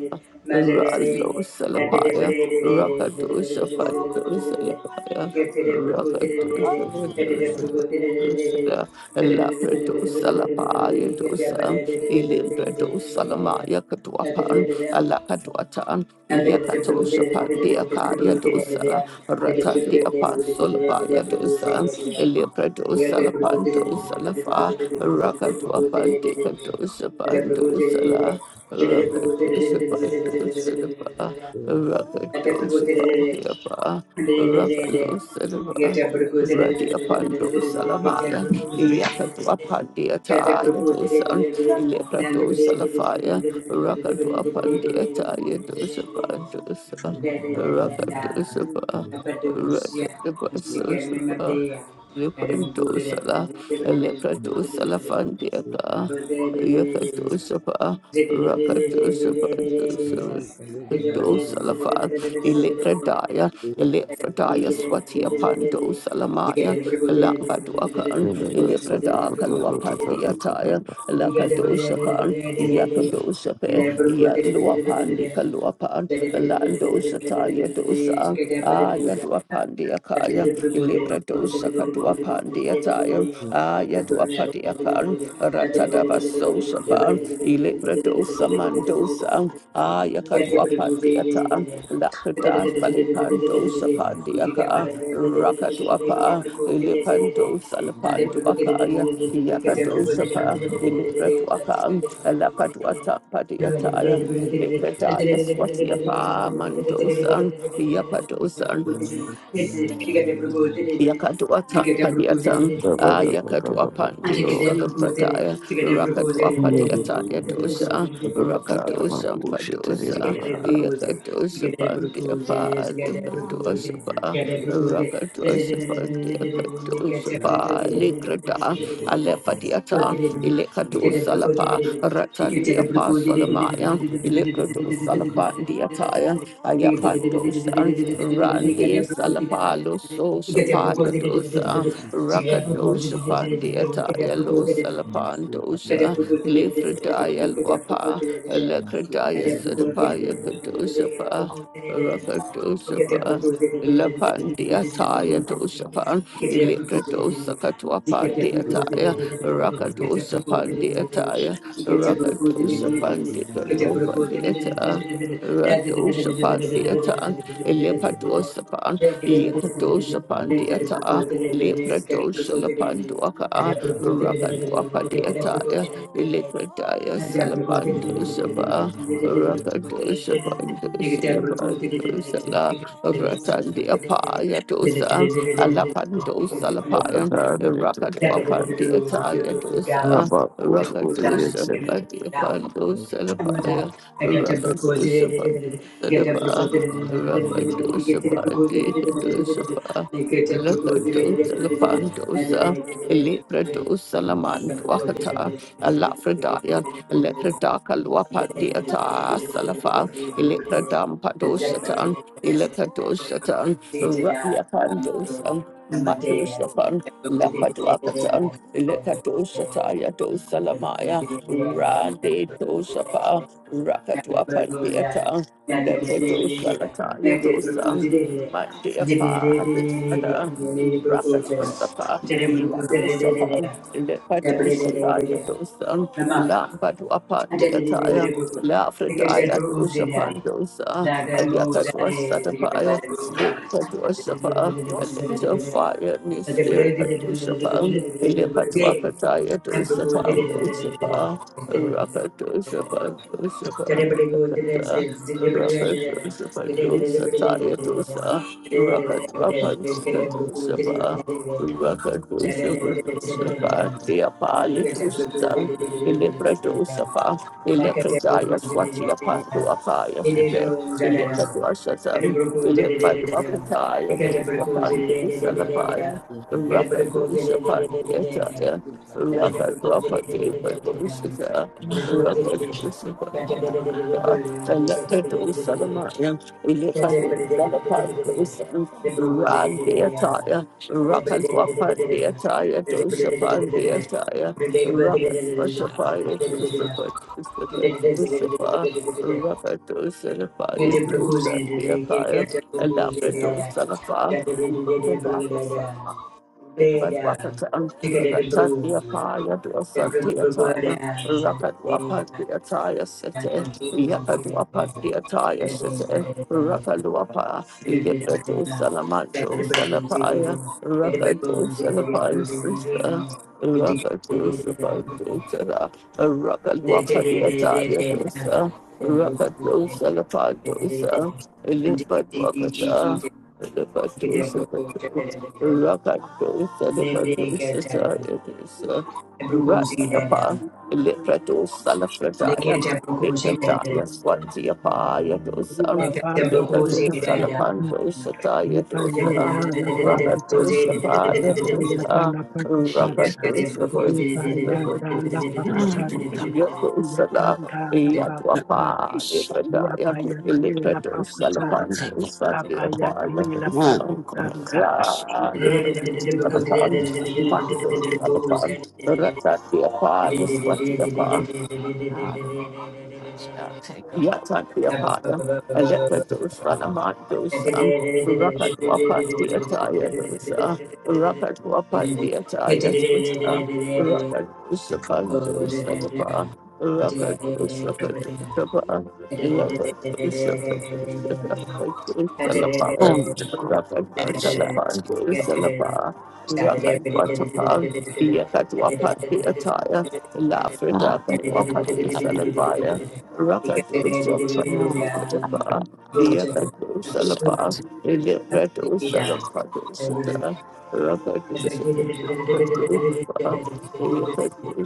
[SPEAKER 3] Ralo Salapaya. Rakadosa Patosalapaya, Rakadosa Dosala, Lapradosalapaya dosa, Ilimbradosalamaya Katuapan,
[SPEAKER 1] the,
[SPEAKER 3] Alakatuatan, Yakatosha
[SPEAKER 1] Thank
[SPEAKER 3] Pandiakaya dosala, Ratandia Pansolabaya dosa, Ilibradosalapandosalafa, Rakatuapan Dikadosa Pandosala, Rakadosa Pandosalapa.
[SPEAKER 1] you.
[SPEAKER 3] Rakadoshapandiapa, Rakalosadava, Radiapando Salamaya, Yakadwapandiata Yadosan, Ileprato Salafaya, Rakadwapandiata
[SPEAKER 1] Get
[SPEAKER 3] Yadosapandosa, Rakadosapa, Rakadabasosapa, Lepantosala,
[SPEAKER 5] you.
[SPEAKER 3] Lepratosalafandiaka, Yakadosapa,
[SPEAKER 1] Thank
[SPEAKER 3] Rakadosapa, do salafa ilifradaya ilifradaya swati apando salamaya lamba
[SPEAKER 4] We
[SPEAKER 3] duakan
[SPEAKER 4] need to
[SPEAKER 3] ilifrada kalwa
[SPEAKER 1] you.
[SPEAKER 3] pandia taya
[SPEAKER 1] Thank
[SPEAKER 3] lakadosha pan yakadosha pe yalua pandi kalua pan landosha taya dosa Aya dua pandia kaya, ilibra dosa kadua pandia taya, aya dua padia Ratadabaso Shapan, Ilebradosa Mandosa, Ayakadwapatiata, Lakada Falipandosa Pandiaka, Rakadwapa,
[SPEAKER 1] you
[SPEAKER 3] Ilipandosa
[SPEAKER 1] get Thank
[SPEAKER 3] Lapanduakaya, Yakadosapa, Ilibradwaka, Alapadwata Padiataya, Ilibradaya Swatiapa Mandosa, Yapadosa. Yakadua Padiatan,
[SPEAKER 4] no, no, no,
[SPEAKER 3] Ah
[SPEAKER 4] no, the woman. Yeah, that is what I'm
[SPEAKER 3] Yakadua
[SPEAKER 4] about to
[SPEAKER 3] Pandi,
[SPEAKER 4] do.
[SPEAKER 3] Solopradaya, Rakadua
[SPEAKER 4] We need to
[SPEAKER 3] Padiata,
[SPEAKER 4] do some
[SPEAKER 3] Yadosa,
[SPEAKER 4] good on the woman.
[SPEAKER 3] Rakadosa
[SPEAKER 4] Bullshit, it is
[SPEAKER 3] Padosa,
[SPEAKER 4] about-
[SPEAKER 1] you.
[SPEAKER 3] Yakadosa Pandia Pali, Rakadoshapandiakadosapa,
[SPEAKER 6] you.
[SPEAKER 3] Likrata,
[SPEAKER 6] Masuk
[SPEAKER 3] Alepadiata, Ilekadosalapa, Ratandiapa Solamaya, Ilekadosalapadiataya,
[SPEAKER 5] Thank you.
[SPEAKER 3] Ayapandosan,
[SPEAKER 5] Thank
[SPEAKER 3] Randi Salapalo, So Sapayadosa, Rakadosapandiataya, Lo Salapandosa, Lefredaya Luapa,
[SPEAKER 1] Get
[SPEAKER 6] masuk,
[SPEAKER 3] Alekradaya
[SPEAKER 6] masuk,
[SPEAKER 1] Get
[SPEAKER 3] Sadapaya Kadosapa. Rakadosapa Lapandiataya dosapan, Ilepradosa katuapandiataya, Rakadosa pandiataya, Rakadosa pandikalopa diata. Radosa pandiata, Elepadosa pan, Yakadosa pandiata, Lepradosa lapanduaka, Rakadwapa diataya,
[SPEAKER 1] a
[SPEAKER 3] Ilepradaya salapandosa pa, Rakadosa pandosa pandosa la, Ratandi Apaya Dosa, Alapando
[SPEAKER 4] that- that- that-
[SPEAKER 3] Salapaya,
[SPEAKER 4] that- that- that- that- that.
[SPEAKER 3] Rakatwapandi Ataya
[SPEAKER 1] down.
[SPEAKER 3] Dosa,
[SPEAKER 4] Rubber, good, oh, they
[SPEAKER 1] Down. down,
[SPEAKER 4] get said
[SPEAKER 3] Rakadosa
[SPEAKER 4] it.
[SPEAKER 3] Padi
[SPEAKER 1] down,
[SPEAKER 4] Rubber,
[SPEAKER 3] Pando
[SPEAKER 1] I'm
[SPEAKER 3] Salapaya,
[SPEAKER 1] Get a proposed
[SPEAKER 3] Rakadosa Pando
[SPEAKER 1] get a
[SPEAKER 3] Salapa,
[SPEAKER 1] proposed get a
[SPEAKER 3] Rakadosa
[SPEAKER 1] proposed get
[SPEAKER 3] Pandi
[SPEAKER 1] a proposed
[SPEAKER 3] Kadosapa, Lakadosa Lapandosa, Elipradosa Lamanduakata, Alafredaya, Lepradaka
[SPEAKER 1] and a
[SPEAKER 3] Luapandi Ata
[SPEAKER 1] proposed
[SPEAKER 3] Salafa, Elepradam Padosata. Ilakadoshatan, Rabiakandosan, Madoshapan, Lapaduakatan, Ilakadoshataya dosalamaya, Rande doshapa, Rakatuapan theatre, Lepadosalataya dosan, Mandiapa, Visada, Rakatosapa, Iladosapan, Lepadoshataya dosan,
[SPEAKER 1] Mama,
[SPEAKER 3] Lampaduapan
[SPEAKER 1] Thank
[SPEAKER 3] theatre, Lafredaya
[SPEAKER 1] you.
[SPEAKER 3] dosapan dosa. Ayakatwa Satapaya, Lekatwa Sapa, Electro Fire, Mysterious Sapa, Elepatwakataya to Sapa and Dosapa, Rakato Sapa, Dosapa, Rakata, Rakato Sapa, Dosataya Dosa, Rakatwa Pantika Sapa, Rakato Sapa, Dosapa, Diapalit Usta, Eleprato Sapa,
[SPEAKER 1] Thank
[SPEAKER 3] Electrodaya Swatia Panduakaya Ilikaduashatan, Ilikaduapataya, Dusapandusalapaya,
[SPEAKER 6] masuk,
[SPEAKER 3] Rakadushapandiyataya, Rakaduapadevadushita, Rakadushapandiyataya,
[SPEAKER 1] you.
[SPEAKER 3] Ilikadusalamaya,
[SPEAKER 1] Thank
[SPEAKER 3] Ilikadusalapandusam,
[SPEAKER 1] you.
[SPEAKER 3] Randiyataya, Rakaduapandiyataya, Dusapandiyataya, Rakaduatapaya, Dusapandusapa, Rakato Salafaya to Sandiakaya, Alabra to Salafa, Rukabaka Sama, Lipat Wakatan, Ratat the Apaya, Dosan the Attire, Rakat Wapat the Attire City, Yakat Wapat the Attire City, Rakaluapa,
[SPEAKER 1] Thank
[SPEAKER 3] Lipato Salamando Salapaya, Rakato Salapandusa. Rakato Salapandusara, Rakaluapa the Attire Dosa, Rakato Salapandusa, Lipat Wakata, Lipato Salapandusa. Rakatosa de Patosa Yadusa
[SPEAKER 5] you.
[SPEAKER 3] Radiapa Lipradosa Lafradaya Litrataya Swantiapa Yadosa
[SPEAKER 5] Ila baka dola
[SPEAKER 3] Lipratosa
[SPEAKER 5] kana
[SPEAKER 3] Lapandosa
[SPEAKER 5] kutanda, ipa
[SPEAKER 3] Yadosa
[SPEAKER 5] yanda la pa kutanda,
[SPEAKER 3] Rakatosa
[SPEAKER 5] kapa
[SPEAKER 1] you.
[SPEAKER 5] yanda
[SPEAKER 3] Yadosa
[SPEAKER 5] la pa
[SPEAKER 1] Get
[SPEAKER 5] kutanda,
[SPEAKER 3] Rakatosa
[SPEAKER 5] ipa yanda la
[SPEAKER 3] Patosa
[SPEAKER 5] pa kutanda, iya
[SPEAKER 3] Yadosa La
[SPEAKER 5] la pa kutanda,
[SPEAKER 3] Yaduapa
[SPEAKER 5] iya pa
[SPEAKER 3] Litrataya
[SPEAKER 5] la pa
[SPEAKER 3] Lipratosa
[SPEAKER 5] kutanda,
[SPEAKER 3] Lapandosa
[SPEAKER 5] kapa yanda la pa
[SPEAKER 3] Yadosa
[SPEAKER 5] kutanda, ipa yanda la pa
[SPEAKER 3] Alapaan,
[SPEAKER 5] kutanda.
[SPEAKER 3] Mandos, Alapan, Ratat, the Apollo, Swati Apollo, Yatatiapada, Alekadosanamandosa, Rakatwapatiataya dosa, Rakatwapatiataya dosa, Rakatosapandosalipa, Rakatosapatosapa,
[SPEAKER 1] Thank
[SPEAKER 5] Thank
[SPEAKER 3] Rakatosapatosapa, Rakatwatalapandosalapa, Rakatwatapa, Yakatwapatiataya, Lafredakatwapatisalapaya, Rakadu Salapadu Sadapa, Yakadu Salapa, Ilipadu Salapadu Sada, Rakadu Salapadu Sapa, Yakadu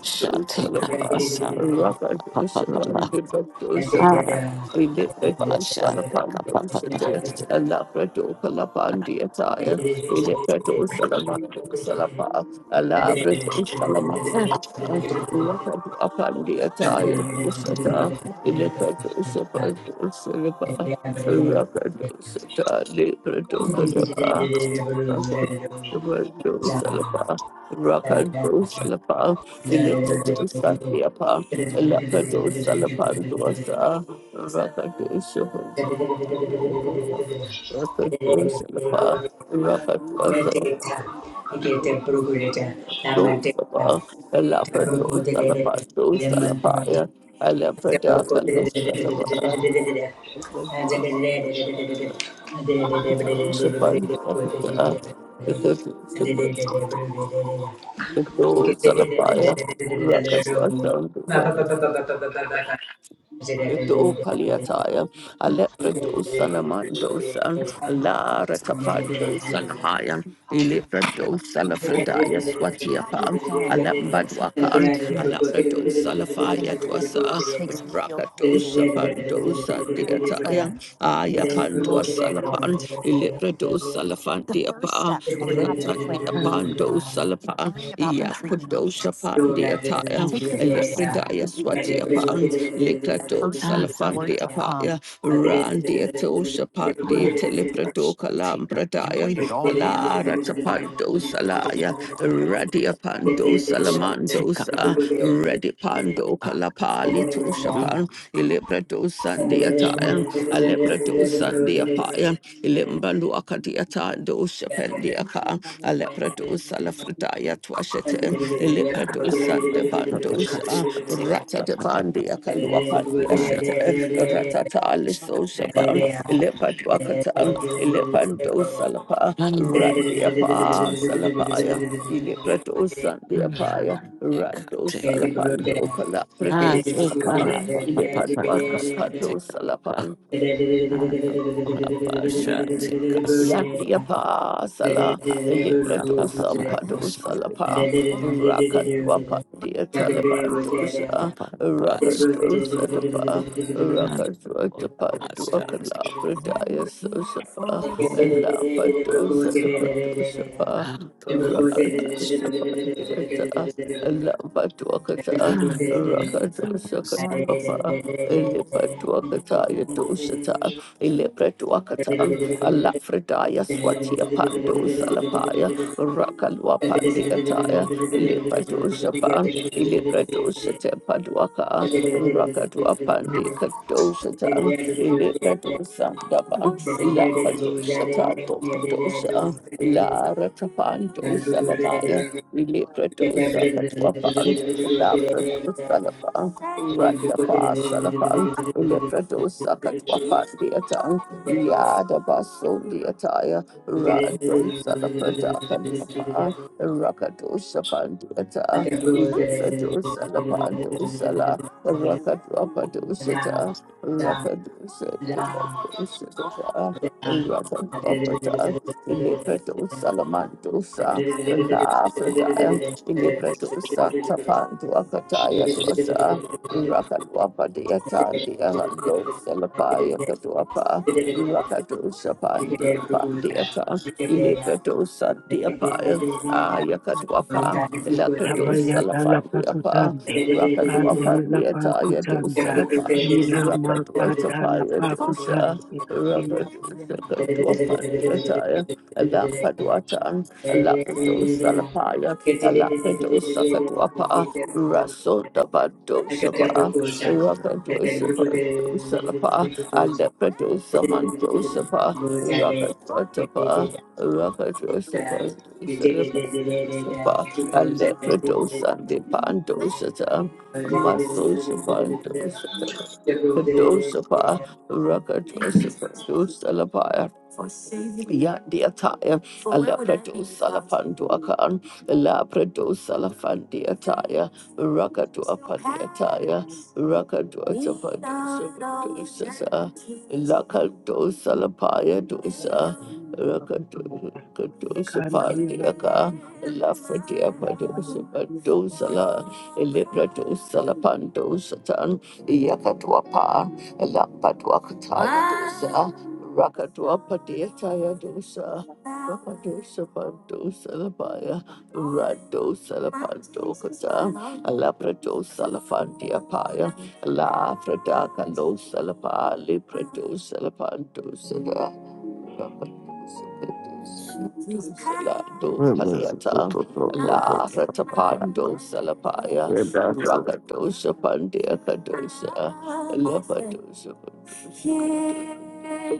[SPEAKER 7] Shall take up a
[SPEAKER 3] Salapa,
[SPEAKER 7] Sunday,
[SPEAKER 1] you.
[SPEAKER 3] Rakadu
[SPEAKER 7] Papa, papa, papa.
[SPEAKER 3] Salapadu
[SPEAKER 1] Thank you.
[SPEAKER 3] Sapa,
[SPEAKER 7] Aramando, papa,
[SPEAKER 3] Ilipadu
[SPEAKER 7] Sunday,
[SPEAKER 3] Salapadu
[SPEAKER 7] papa,
[SPEAKER 3] Sada,
[SPEAKER 4] rubber.
[SPEAKER 3] Alapadu
[SPEAKER 7] Take up a take up take up take up
[SPEAKER 3] Kalapandi Attire, Ilipadu Salamadu Salapa, Alabra Salamadu. Yakadu upon the attire, Isata, Ilakadu Sapa, du Silapa, Rakadu Sata, Librado Kadapa, Rakadu Salapa, Rakadu Salapa, Ilakadu Satiapa,
[SPEAKER 5] you.
[SPEAKER 3] Ilakadu
[SPEAKER 5] Thank
[SPEAKER 3] Salapan Dosa, Rakadu Sapa, Rakadu Salapa, raka du salapa
[SPEAKER 1] Medeta, Geta Brugurita, Lamadeta,
[SPEAKER 3] Dosapa, Elapa
[SPEAKER 1] Tabruco de
[SPEAKER 3] Dosalapa,
[SPEAKER 1] Lemantenta,
[SPEAKER 3] Dosalapaya, Elapa
[SPEAKER 1] Tabruco
[SPEAKER 3] Daka Losalapa, Dosalapaya, Rakaswatan, Yedo paliataya, alepredo sanamandosa, alara tapando
[SPEAKER 1] de
[SPEAKER 3] sanamaya, ilepredo
[SPEAKER 1] Thank
[SPEAKER 3] salafredaya swatiapa, alambadwakan, alapredo salafaya dwasa, rakato sapando sandiataya, ayapando salapan, ilepredo salafandiapa, ratandiapando salapan, yakudo sapandiataya, ilepredaya swatiapa, that Likato
[SPEAKER 7] Ah,
[SPEAKER 3] Salafandi apaya to come. Apaya
[SPEAKER 7] take
[SPEAKER 3] Shapandi
[SPEAKER 1] you.
[SPEAKER 3] Teleprato You
[SPEAKER 7] up take up
[SPEAKER 3] Kalambradaya waited
[SPEAKER 1] Thank
[SPEAKER 3] all year. Alara Tapando Salaya Radia Pando
[SPEAKER 7] take
[SPEAKER 3] Salamandosa Ready Pando Kalapali Toshapan, Ilebredo Sandiatayan, Alebredo Sandiapayan, Ilimbaluakadiatando Shapendiaka, Alebredo
[SPEAKER 5] you.
[SPEAKER 3] Salafredaya Twashete, Ilebredo Sandebandosa, Rata de Bandiakaluapandia Shete, Ratatali Soshapan, Ilebaduakatan, Ilebando Salapa, Randiapa Salapayan. Ile prato
[SPEAKER 1] you.
[SPEAKER 3] sandia Rando
[SPEAKER 5] Thank
[SPEAKER 1] Thank you.
[SPEAKER 3] Salapando Calafrede Salapan, Ilepatuata Cato Salapan,
[SPEAKER 7] up take up
[SPEAKER 3] Yandiapa Sala
[SPEAKER 7] Papa,
[SPEAKER 3] Eliprato Sampado Salapa Rakatwapa dear Talibandosa Rakatosa Dapa Rakatwatapanduakala Pradaya Sosapa Lampadosa Dapatosapa Rakatosapa Dieta
[SPEAKER 1] Thank
[SPEAKER 3] Lampatuakata Rakatosakatwapa Elipatuakata Yadosata Ilibreduakatan, Alafridaya Swatia Pando Salapaya, Rakalwa Pandiataya, Ilibadoshapan, Ilibradosate Paduaka, Rakadwa Pandi Kadoshatan, Ilibradosandaba, Lapadoshatan Dokadosha, La Ratapando Salamaya. Ilibradosakatwapan, Labrados
[SPEAKER 1] you.
[SPEAKER 3] Salapa,
[SPEAKER 1] Thank
[SPEAKER 3] Radiapa Salapa, Leprados Sakatwapa Diatan, Yadabaso Diataya, Rado Salapradaka Lapa, Rakados Sapandiata, Leprados Salapando Sala, Rakadwapadosata, Rakadosa Dibadosata. Rakadwapata, Leprados Salamandosa, La Fredaya, Ilibra tu santa pantu akataya tu asa. Rakaluapa de atandi ahalo salapaya katuapa.
[SPEAKER 1] you.
[SPEAKER 3] Rakatu
[SPEAKER 1] Thank
[SPEAKER 3] sapandi apandi ata.
[SPEAKER 5] you.
[SPEAKER 3] Ilibra tu santi
[SPEAKER 1] you.
[SPEAKER 3] apaya. Ayakatuapa. Lakadu
[SPEAKER 5] Yabayada la
[SPEAKER 3] salafandi apa.
[SPEAKER 5] pakutande,
[SPEAKER 3] Rakatu
[SPEAKER 5] pande la
[SPEAKER 3] apandi ataya tu
[SPEAKER 5] pakutanda,
[SPEAKER 3] salapa.
[SPEAKER 5] ila
[SPEAKER 3] Rakatu
[SPEAKER 5] makada la
[SPEAKER 3] sapaya tu sa.
[SPEAKER 5] pakutande, ila
[SPEAKER 3] Rakatu
[SPEAKER 5] pakutande
[SPEAKER 3] sakatu apandi ataya. Alampadu atan. Alampadu salapaya Alabado Sakatwapa, Raso Dabado Shapa, Rakado Sapado Salapa, Alabado Samanto Sapa, Rakatwatapa, Rakado Sapado Salapa, Sapa,
[SPEAKER 5] la
[SPEAKER 3] Alabado Pando Sata,
[SPEAKER 1] Thank
[SPEAKER 3] Maso Sapando Sata.
[SPEAKER 1] you.
[SPEAKER 3] Dosapa, Rakadosapa, Salapaya, Ya the attire, a leper to Salapanduakan, Labrado Salafandiataya, Rakadua Pandiataya, Rakadua
[SPEAKER 5] pakutande, Thank
[SPEAKER 3] Tapadosa, Lakado Salapaya Dosa, Rakadosa Pandiaka, Lafredia Padosa Padosala, Librado Salapando Satan, Yakatuapa, Lapaduakataya Dosa, Rakadua taya Dosa, Rakadosa Pandosa Labaya. Rado Salapanto Kata, Alaprato Salafantia Paya, La Frataka Lo Salapa, Liprato Salapanto Sada. Salado
[SPEAKER 4] What was
[SPEAKER 3] Padiata, La Ratapando Salapaya,
[SPEAKER 4] it?
[SPEAKER 3] Rakadosha Pandia Kadosha, Lepatosha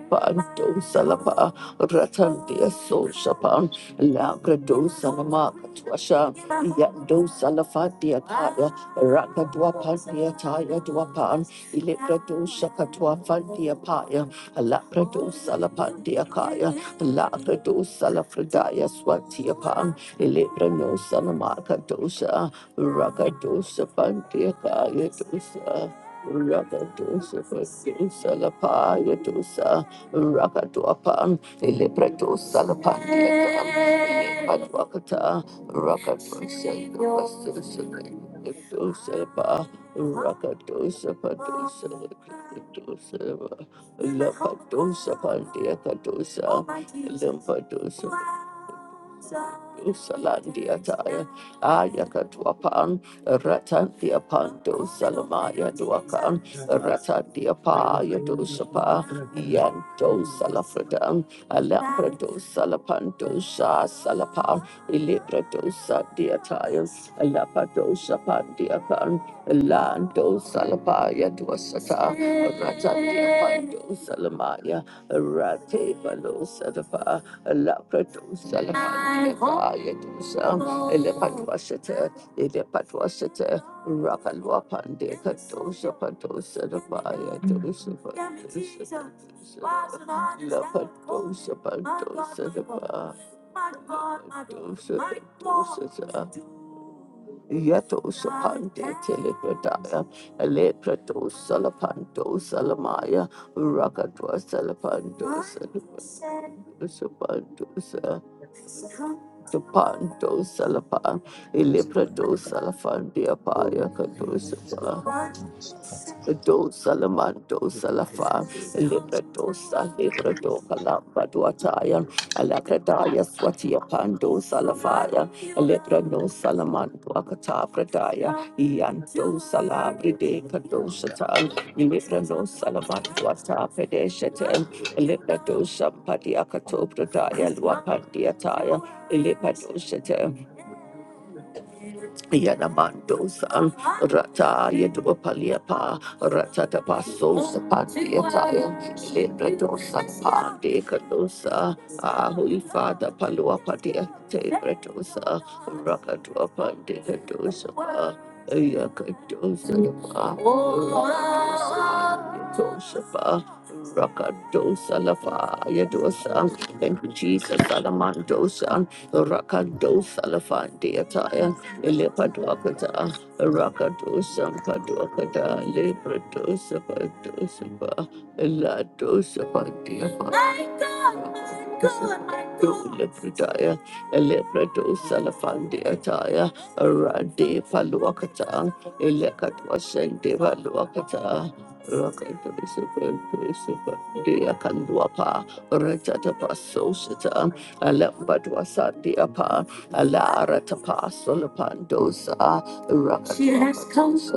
[SPEAKER 3] Pando Salapa, Ratandia Soshapan, Lagrado Salama Katuasha, Yando Salafatia Taya, Rakadua Pandia Taya Duapan, Ilikado Shakatua Fandia Paya, La Pradosa La Pandiakaya, La Pradosa La Fridaya Swatiapan, Ilibranosa Namaka Dosa, Rakadosa Pandiakaya Dosa. Rakadosa
[SPEAKER 5] you.
[SPEAKER 3] Pandosa La Paya
[SPEAKER 5] Thank
[SPEAKER 3] Dosa, Rakadoapan, Ilibradosa La Pandiakam, Ilibadwakata, Rakadosa Dosa. Dosa, Rakadosa, Padosa, Dosa, Lampadosa Pandia Cadosa, Lampadosa. Usalandia Taya, Ayakatwapan, Ratandia Pando, Salamaya Duakan, Ratandia Paya Dosapa, Yanto Salafredan, Alambrado Salapando, Sa Salapa, Ilibra Dosa Diataya, Alapado Lando Salapaya Dwasata Ratatia Pando Salamaya Rate Palo Sadapa Laprato Salapaya Dosa Elepatwasata Elepatwasata Rapalwa Pande Katosa Pato Sadapaya Dosa Patosa Lapatosa Pato Sadapa Yatosa Pande Telepradaya, Aleprato Salapanto Salamaya, Rakatwa Salapanto Salapanto Panto Salapa, Iliprato Salafandia Paya Kadosapa, Do Salamanto Salafa, Iliprato Salibrato Palamba Duataya, Alacrataya Swatia Pando Salafaya, Iliprano Salamanto Akata Prataya, Ianto Salabri de Kadosatan, Iliprano
[SPEAKER 5] you.
[SPEAKER 3] Salamanto Ata Pedeshate, Elipado Sampadi Akato Pradaya Lwapandi Ataya Elipado Shete Yanamandos and Rata Yedopaliapa Rata Tapaso Sapandi Ataya Elipado Sampandi Kadosa Ah Holy Father Paluapadia Tebretosa Rakatuapandi Kadosa Yakadosa Rakatosa Tosapa Rakadosa lafa yadosa. Thank you, Jesus. Salamandosa. Rakadosa lafa deataya. Lepaduakata. Rakadosa paduakata. Lepradosa padosa pa. Ladosa padiapa. My God, my God, my God. Lepradaya. Lepradosa lafa taya. Rade paluakata. Elekatwa sende paluakata. Deakanduapa, Ratatapa Sosita, Alambadwasadiapa, Alaratapa Solapandosa, Rakatapa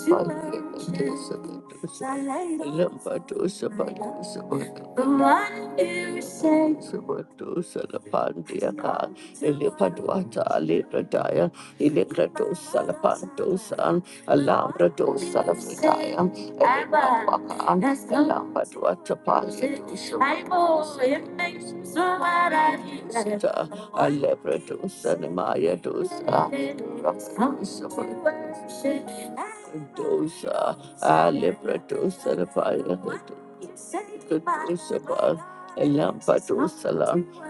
[SPEAKER 5] Thank
[SPEAKER 3] Dosa, Alebratosa, the fire, Lampa dosa,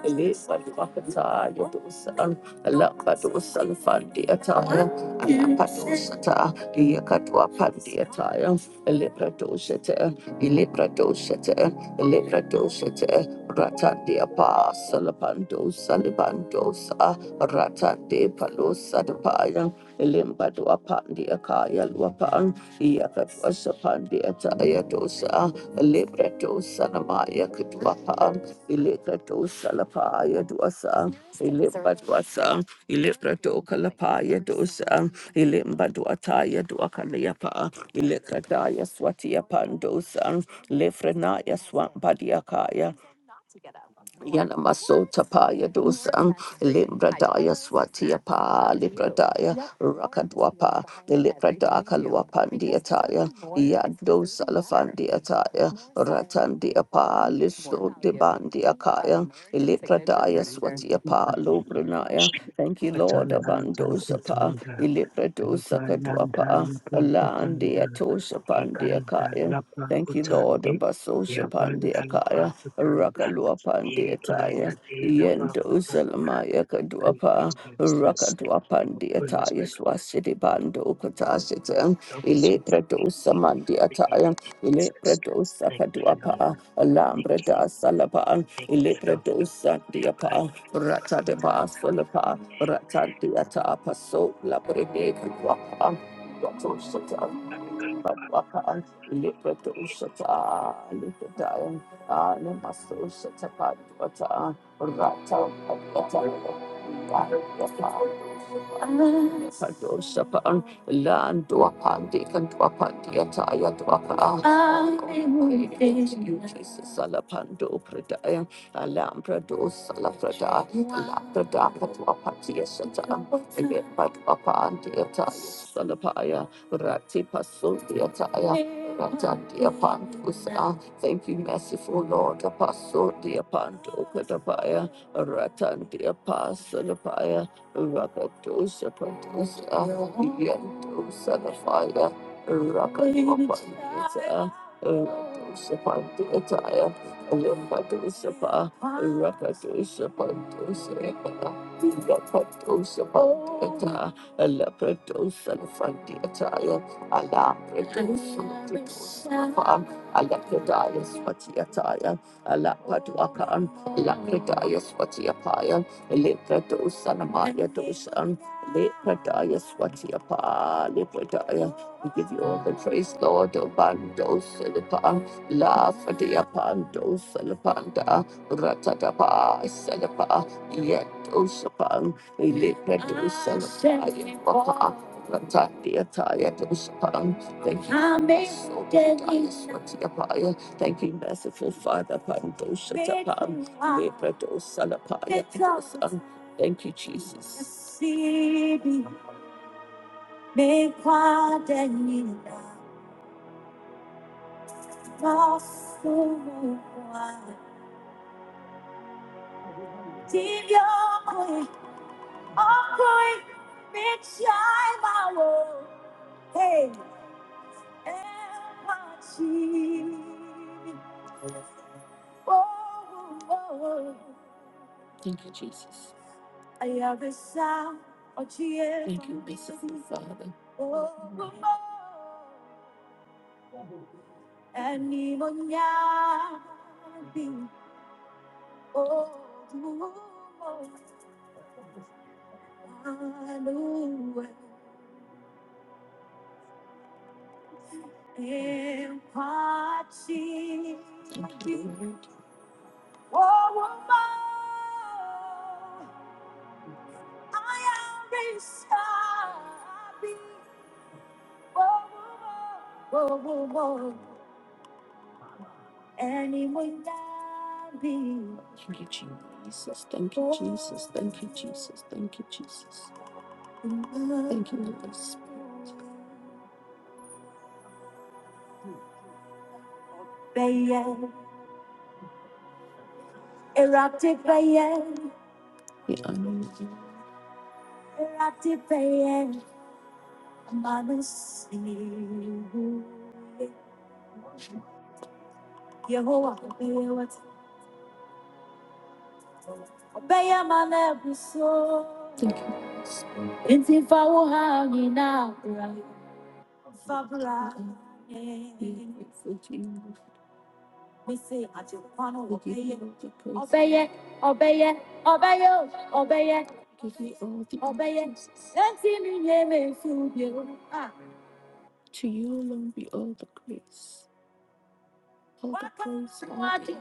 [SPEAKER 3] Elipa dosa, Alambado Salafandi Attire, Alapado Sata, Yakatwa Pandi Attire, Alebrado Shata, Elebrado Shata, Elebrado Ratande pa salapando salibando sa ratande palo sadapaya limba do apandi akaya luapan yakatwa sapandi ataya dosa libra dosa namaya kutuapan ilika dosa lapaya dosa ilimba dosa ilibra do kalapaya dosa ilimba do ataya do akaliapa ilika daya swati apandosa Lefrenaya Swampadiakaya. Yanamasota paya dosa, Limbradaya swatiapa, Libradaya rakadwapa, Libradaka luapandiataya, Yado salafandiataya, Ratandiapa, Liso debandiakaya, Libradaya swatiapa, Lobranaya. Thank you, Lord, abandosapa, Libradosa kadwapa, Alandia tosha pandiakaya. Thank you, Lord. Basosha pandiakaya,
[SPEAKER 5] you.
[SPEAKER 3] Rakalua pandiataya,
[SPEAKER 5] Ibrahadina
[SPEAKER 3] Yendo
[SPEAKER 5] Bakutanda,
[SPEAKER 3] selamaya
[SPEAKER 5] thank you,
[SPEAKER 3] kaduapa,
[SPEAKER 5] Jesus.
[SPEAKER 3] Rakadua
[SPEAKER 5] The praise
[SPEAKER 3] pandiataya, Swasidi bando katashitan,
[SPEAKER 5] belongs to
[SPEAKER 3] Ilepradosa
[SPEAKER 5] you, living in
[SPEAKER 3] mandiataya,
[SPEAKER 5] Jesus.
[SPEAKER 3] Ilepradosa
[SPEAKER 5] Thank you, Lord.
[SPEAKER 3] kaduapa,
[SPEAKER 5] Thank you,
[SPEAKER 3] Alambrada salapan,
[SPEAKER 5] thank you,
[SPEAKER 3] Ilepradosa
[SPEAKER 5] Lord.
[SPEAKER 3] diapa, Rata de bas basulapa, Rata diata, Paso labrede kaduapa, Ratoshatan. Lipatusata, Lipataya, Alimasusata Padwata, Rata Padwata, Land Dwapandi and Dwapandiataya Dwapa. You Jesus, Alapando Pradaya, Alambrado Salaprada, Alaprada Patwapatia Sata, Lipadwapandiata, Salapaya. Ratipa Sundiataya, Ratandia Pantusa. Thank you, merciful Lord. Apasundia Pandokadabaya, Ratandia Pasalabaya, Rakatosa Pantusa, Yentosa Lafaya, Rakatosa Rakatosa Pantuataya, Rakatosa Pa, Rakatosa Pantusa, Rakatosa Pantuataya. Leprados and Friday attire, Alaprados and Pritosapam, Alapradayas Vatiataya, Alapaduakan, Lapradayas Vatiapaya, Leprados and Amaya Dosan, Lepradayas Vatiapa, Lepradaya. We give you all the praise, Lord, Obandos, Silipan, La Fadiapandos, Silipanda, Ratadapa, Silipa, Yet we lift that to son of fire, Papa. Ratati ataya to Shapan. Thank you, so deadly, sweaty apaya. Thank you, merciful Father, Pandosha Tapan. Leprato Salapaya to Son. Thank you, Jesus. Hey. Thank you, Jesus. I have a sound. Thank you, merciful Father. And even now, oh, Thank you, Lord. I am restored. Whoa, whoa, whoa, whoa, whoa, whoa. And Thank you, Jesus. Thank you, Jesus. Thank you, Jesus. Thank you, Jesus. Thank you, Holy Spirit. Bayan, erupted Bayan. We honor you. Erupted Bayan. Mama, see. Yehovah, Thank you. to you. Ah. alone be all the grace, all the praise, all the- Nkwadi,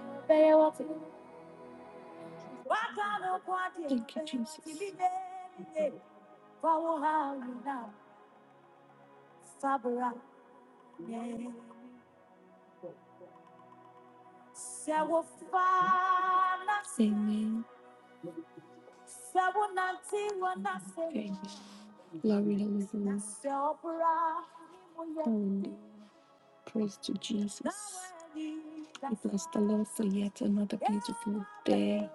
[SPEAKER 3] Thank you, Jesus. Fawohana Fabra Sewo Fana Amen. Sewo Wana Amen. Glory hallelujah. Hallelujah. Praise to Jesus. I bless the Lord for yet another beautiful day.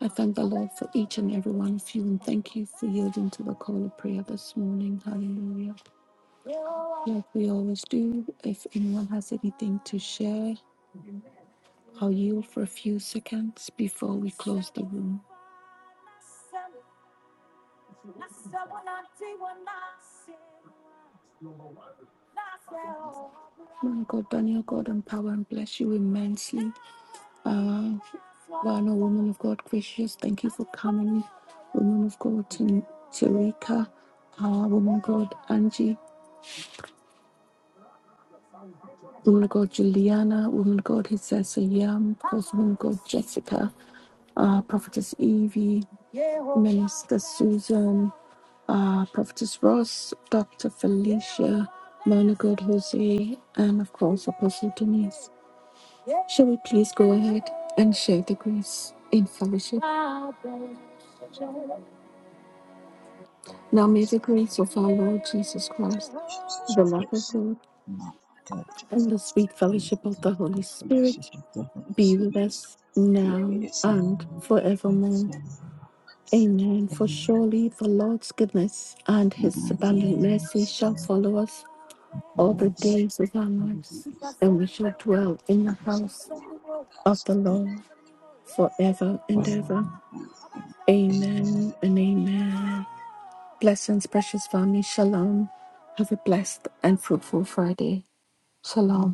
[SPEAKER 3] I thank the Lord for each and every one of you and thank you for yielding to the call of prayer this morning. Hallelujah. Like we always do, if anyone has anything to share, I'll yield for a few seconds before we close the room. Man, God, Daniel, God, empower and bless you immensely. Uh, Ghana, woman of God, gracious, thank you for coming. Woman of God, Tin- Tarika, uh, woman of God, Angie, woman of God, Juliana, woman of God, Hissessa Yam, of course, woman of God, Jessica, uh, prophetess Evie, Minister Susan, uh, Prophetess Ross, Dr. Felicia, Mona Jose, and of course Apostle Denise. Shall we please go ahead and share the grace in fellowship? Now may the grace of our Lord Jesus Christ, the love of
[SPEAKER 8] Jesus
[SPEAKER 3] God,
[SPEAKER 8] not that
[SPEAKER 3] and the sweet
[SPEAKER 8] in
[SPEAKER 3] fellowship of the
[SPEAKER 8] the
[SPEAKER 3] Holy
[SPEAKER 8] fellowship
[SPEAKER 3] Spirit
[SPEAKER 8] of the Holy
[SPEAKER 3] be with
[SPEAKER 8] Spirit,
[SPEAKER 3] us
[SPEAKER 8] be
[SPEAKER 3] now
[SPEAKER 8] now
[SPEAKER 3] and
[SPEAKER 8] and
[SPEAKER 3] forevermore.
[SPEAKER 8] forevermore.
[SPEAKER 3] Amen. For
[SPEAKER 8] Amen.
[SPEAKER 3] surely the Lord's goodness and his
[SPEAKER 8] Goodness
[SPEAKER 3] abundant
[SPEAKER 8] and
[SPEAKER 3] mercy shall
[SPEAKER 8] mercy
[SPEAKER 3] follow us all the
[SPEAKER 8] follow us
[SPEAKER 3] days of our
[SPEAKER 8] the
[SPEAKER 3] lives,
[SPEAKER 8] days of
[SPEAKER 3] and we shall dwell in the
[SPEAKER 8] our lives,
[SPEAKER 3] house
[SPEAKER 8] and
[SPEAKER 3] of the
[SPEAKER 8] we shall dwell
[SPEAKER 3] Lord forever
[SPEAKER 8] in the worship. I will
[SPEAKER 3] and
[SPEAKER 8] ask that
[SPEAKER 3] ever.
[SPEAKER 8] one. Amen.
[SPEAKER 3] Amen and amen. Blessings, precious family. Shalom. Have a blessed and fruitful Friday. Shalom.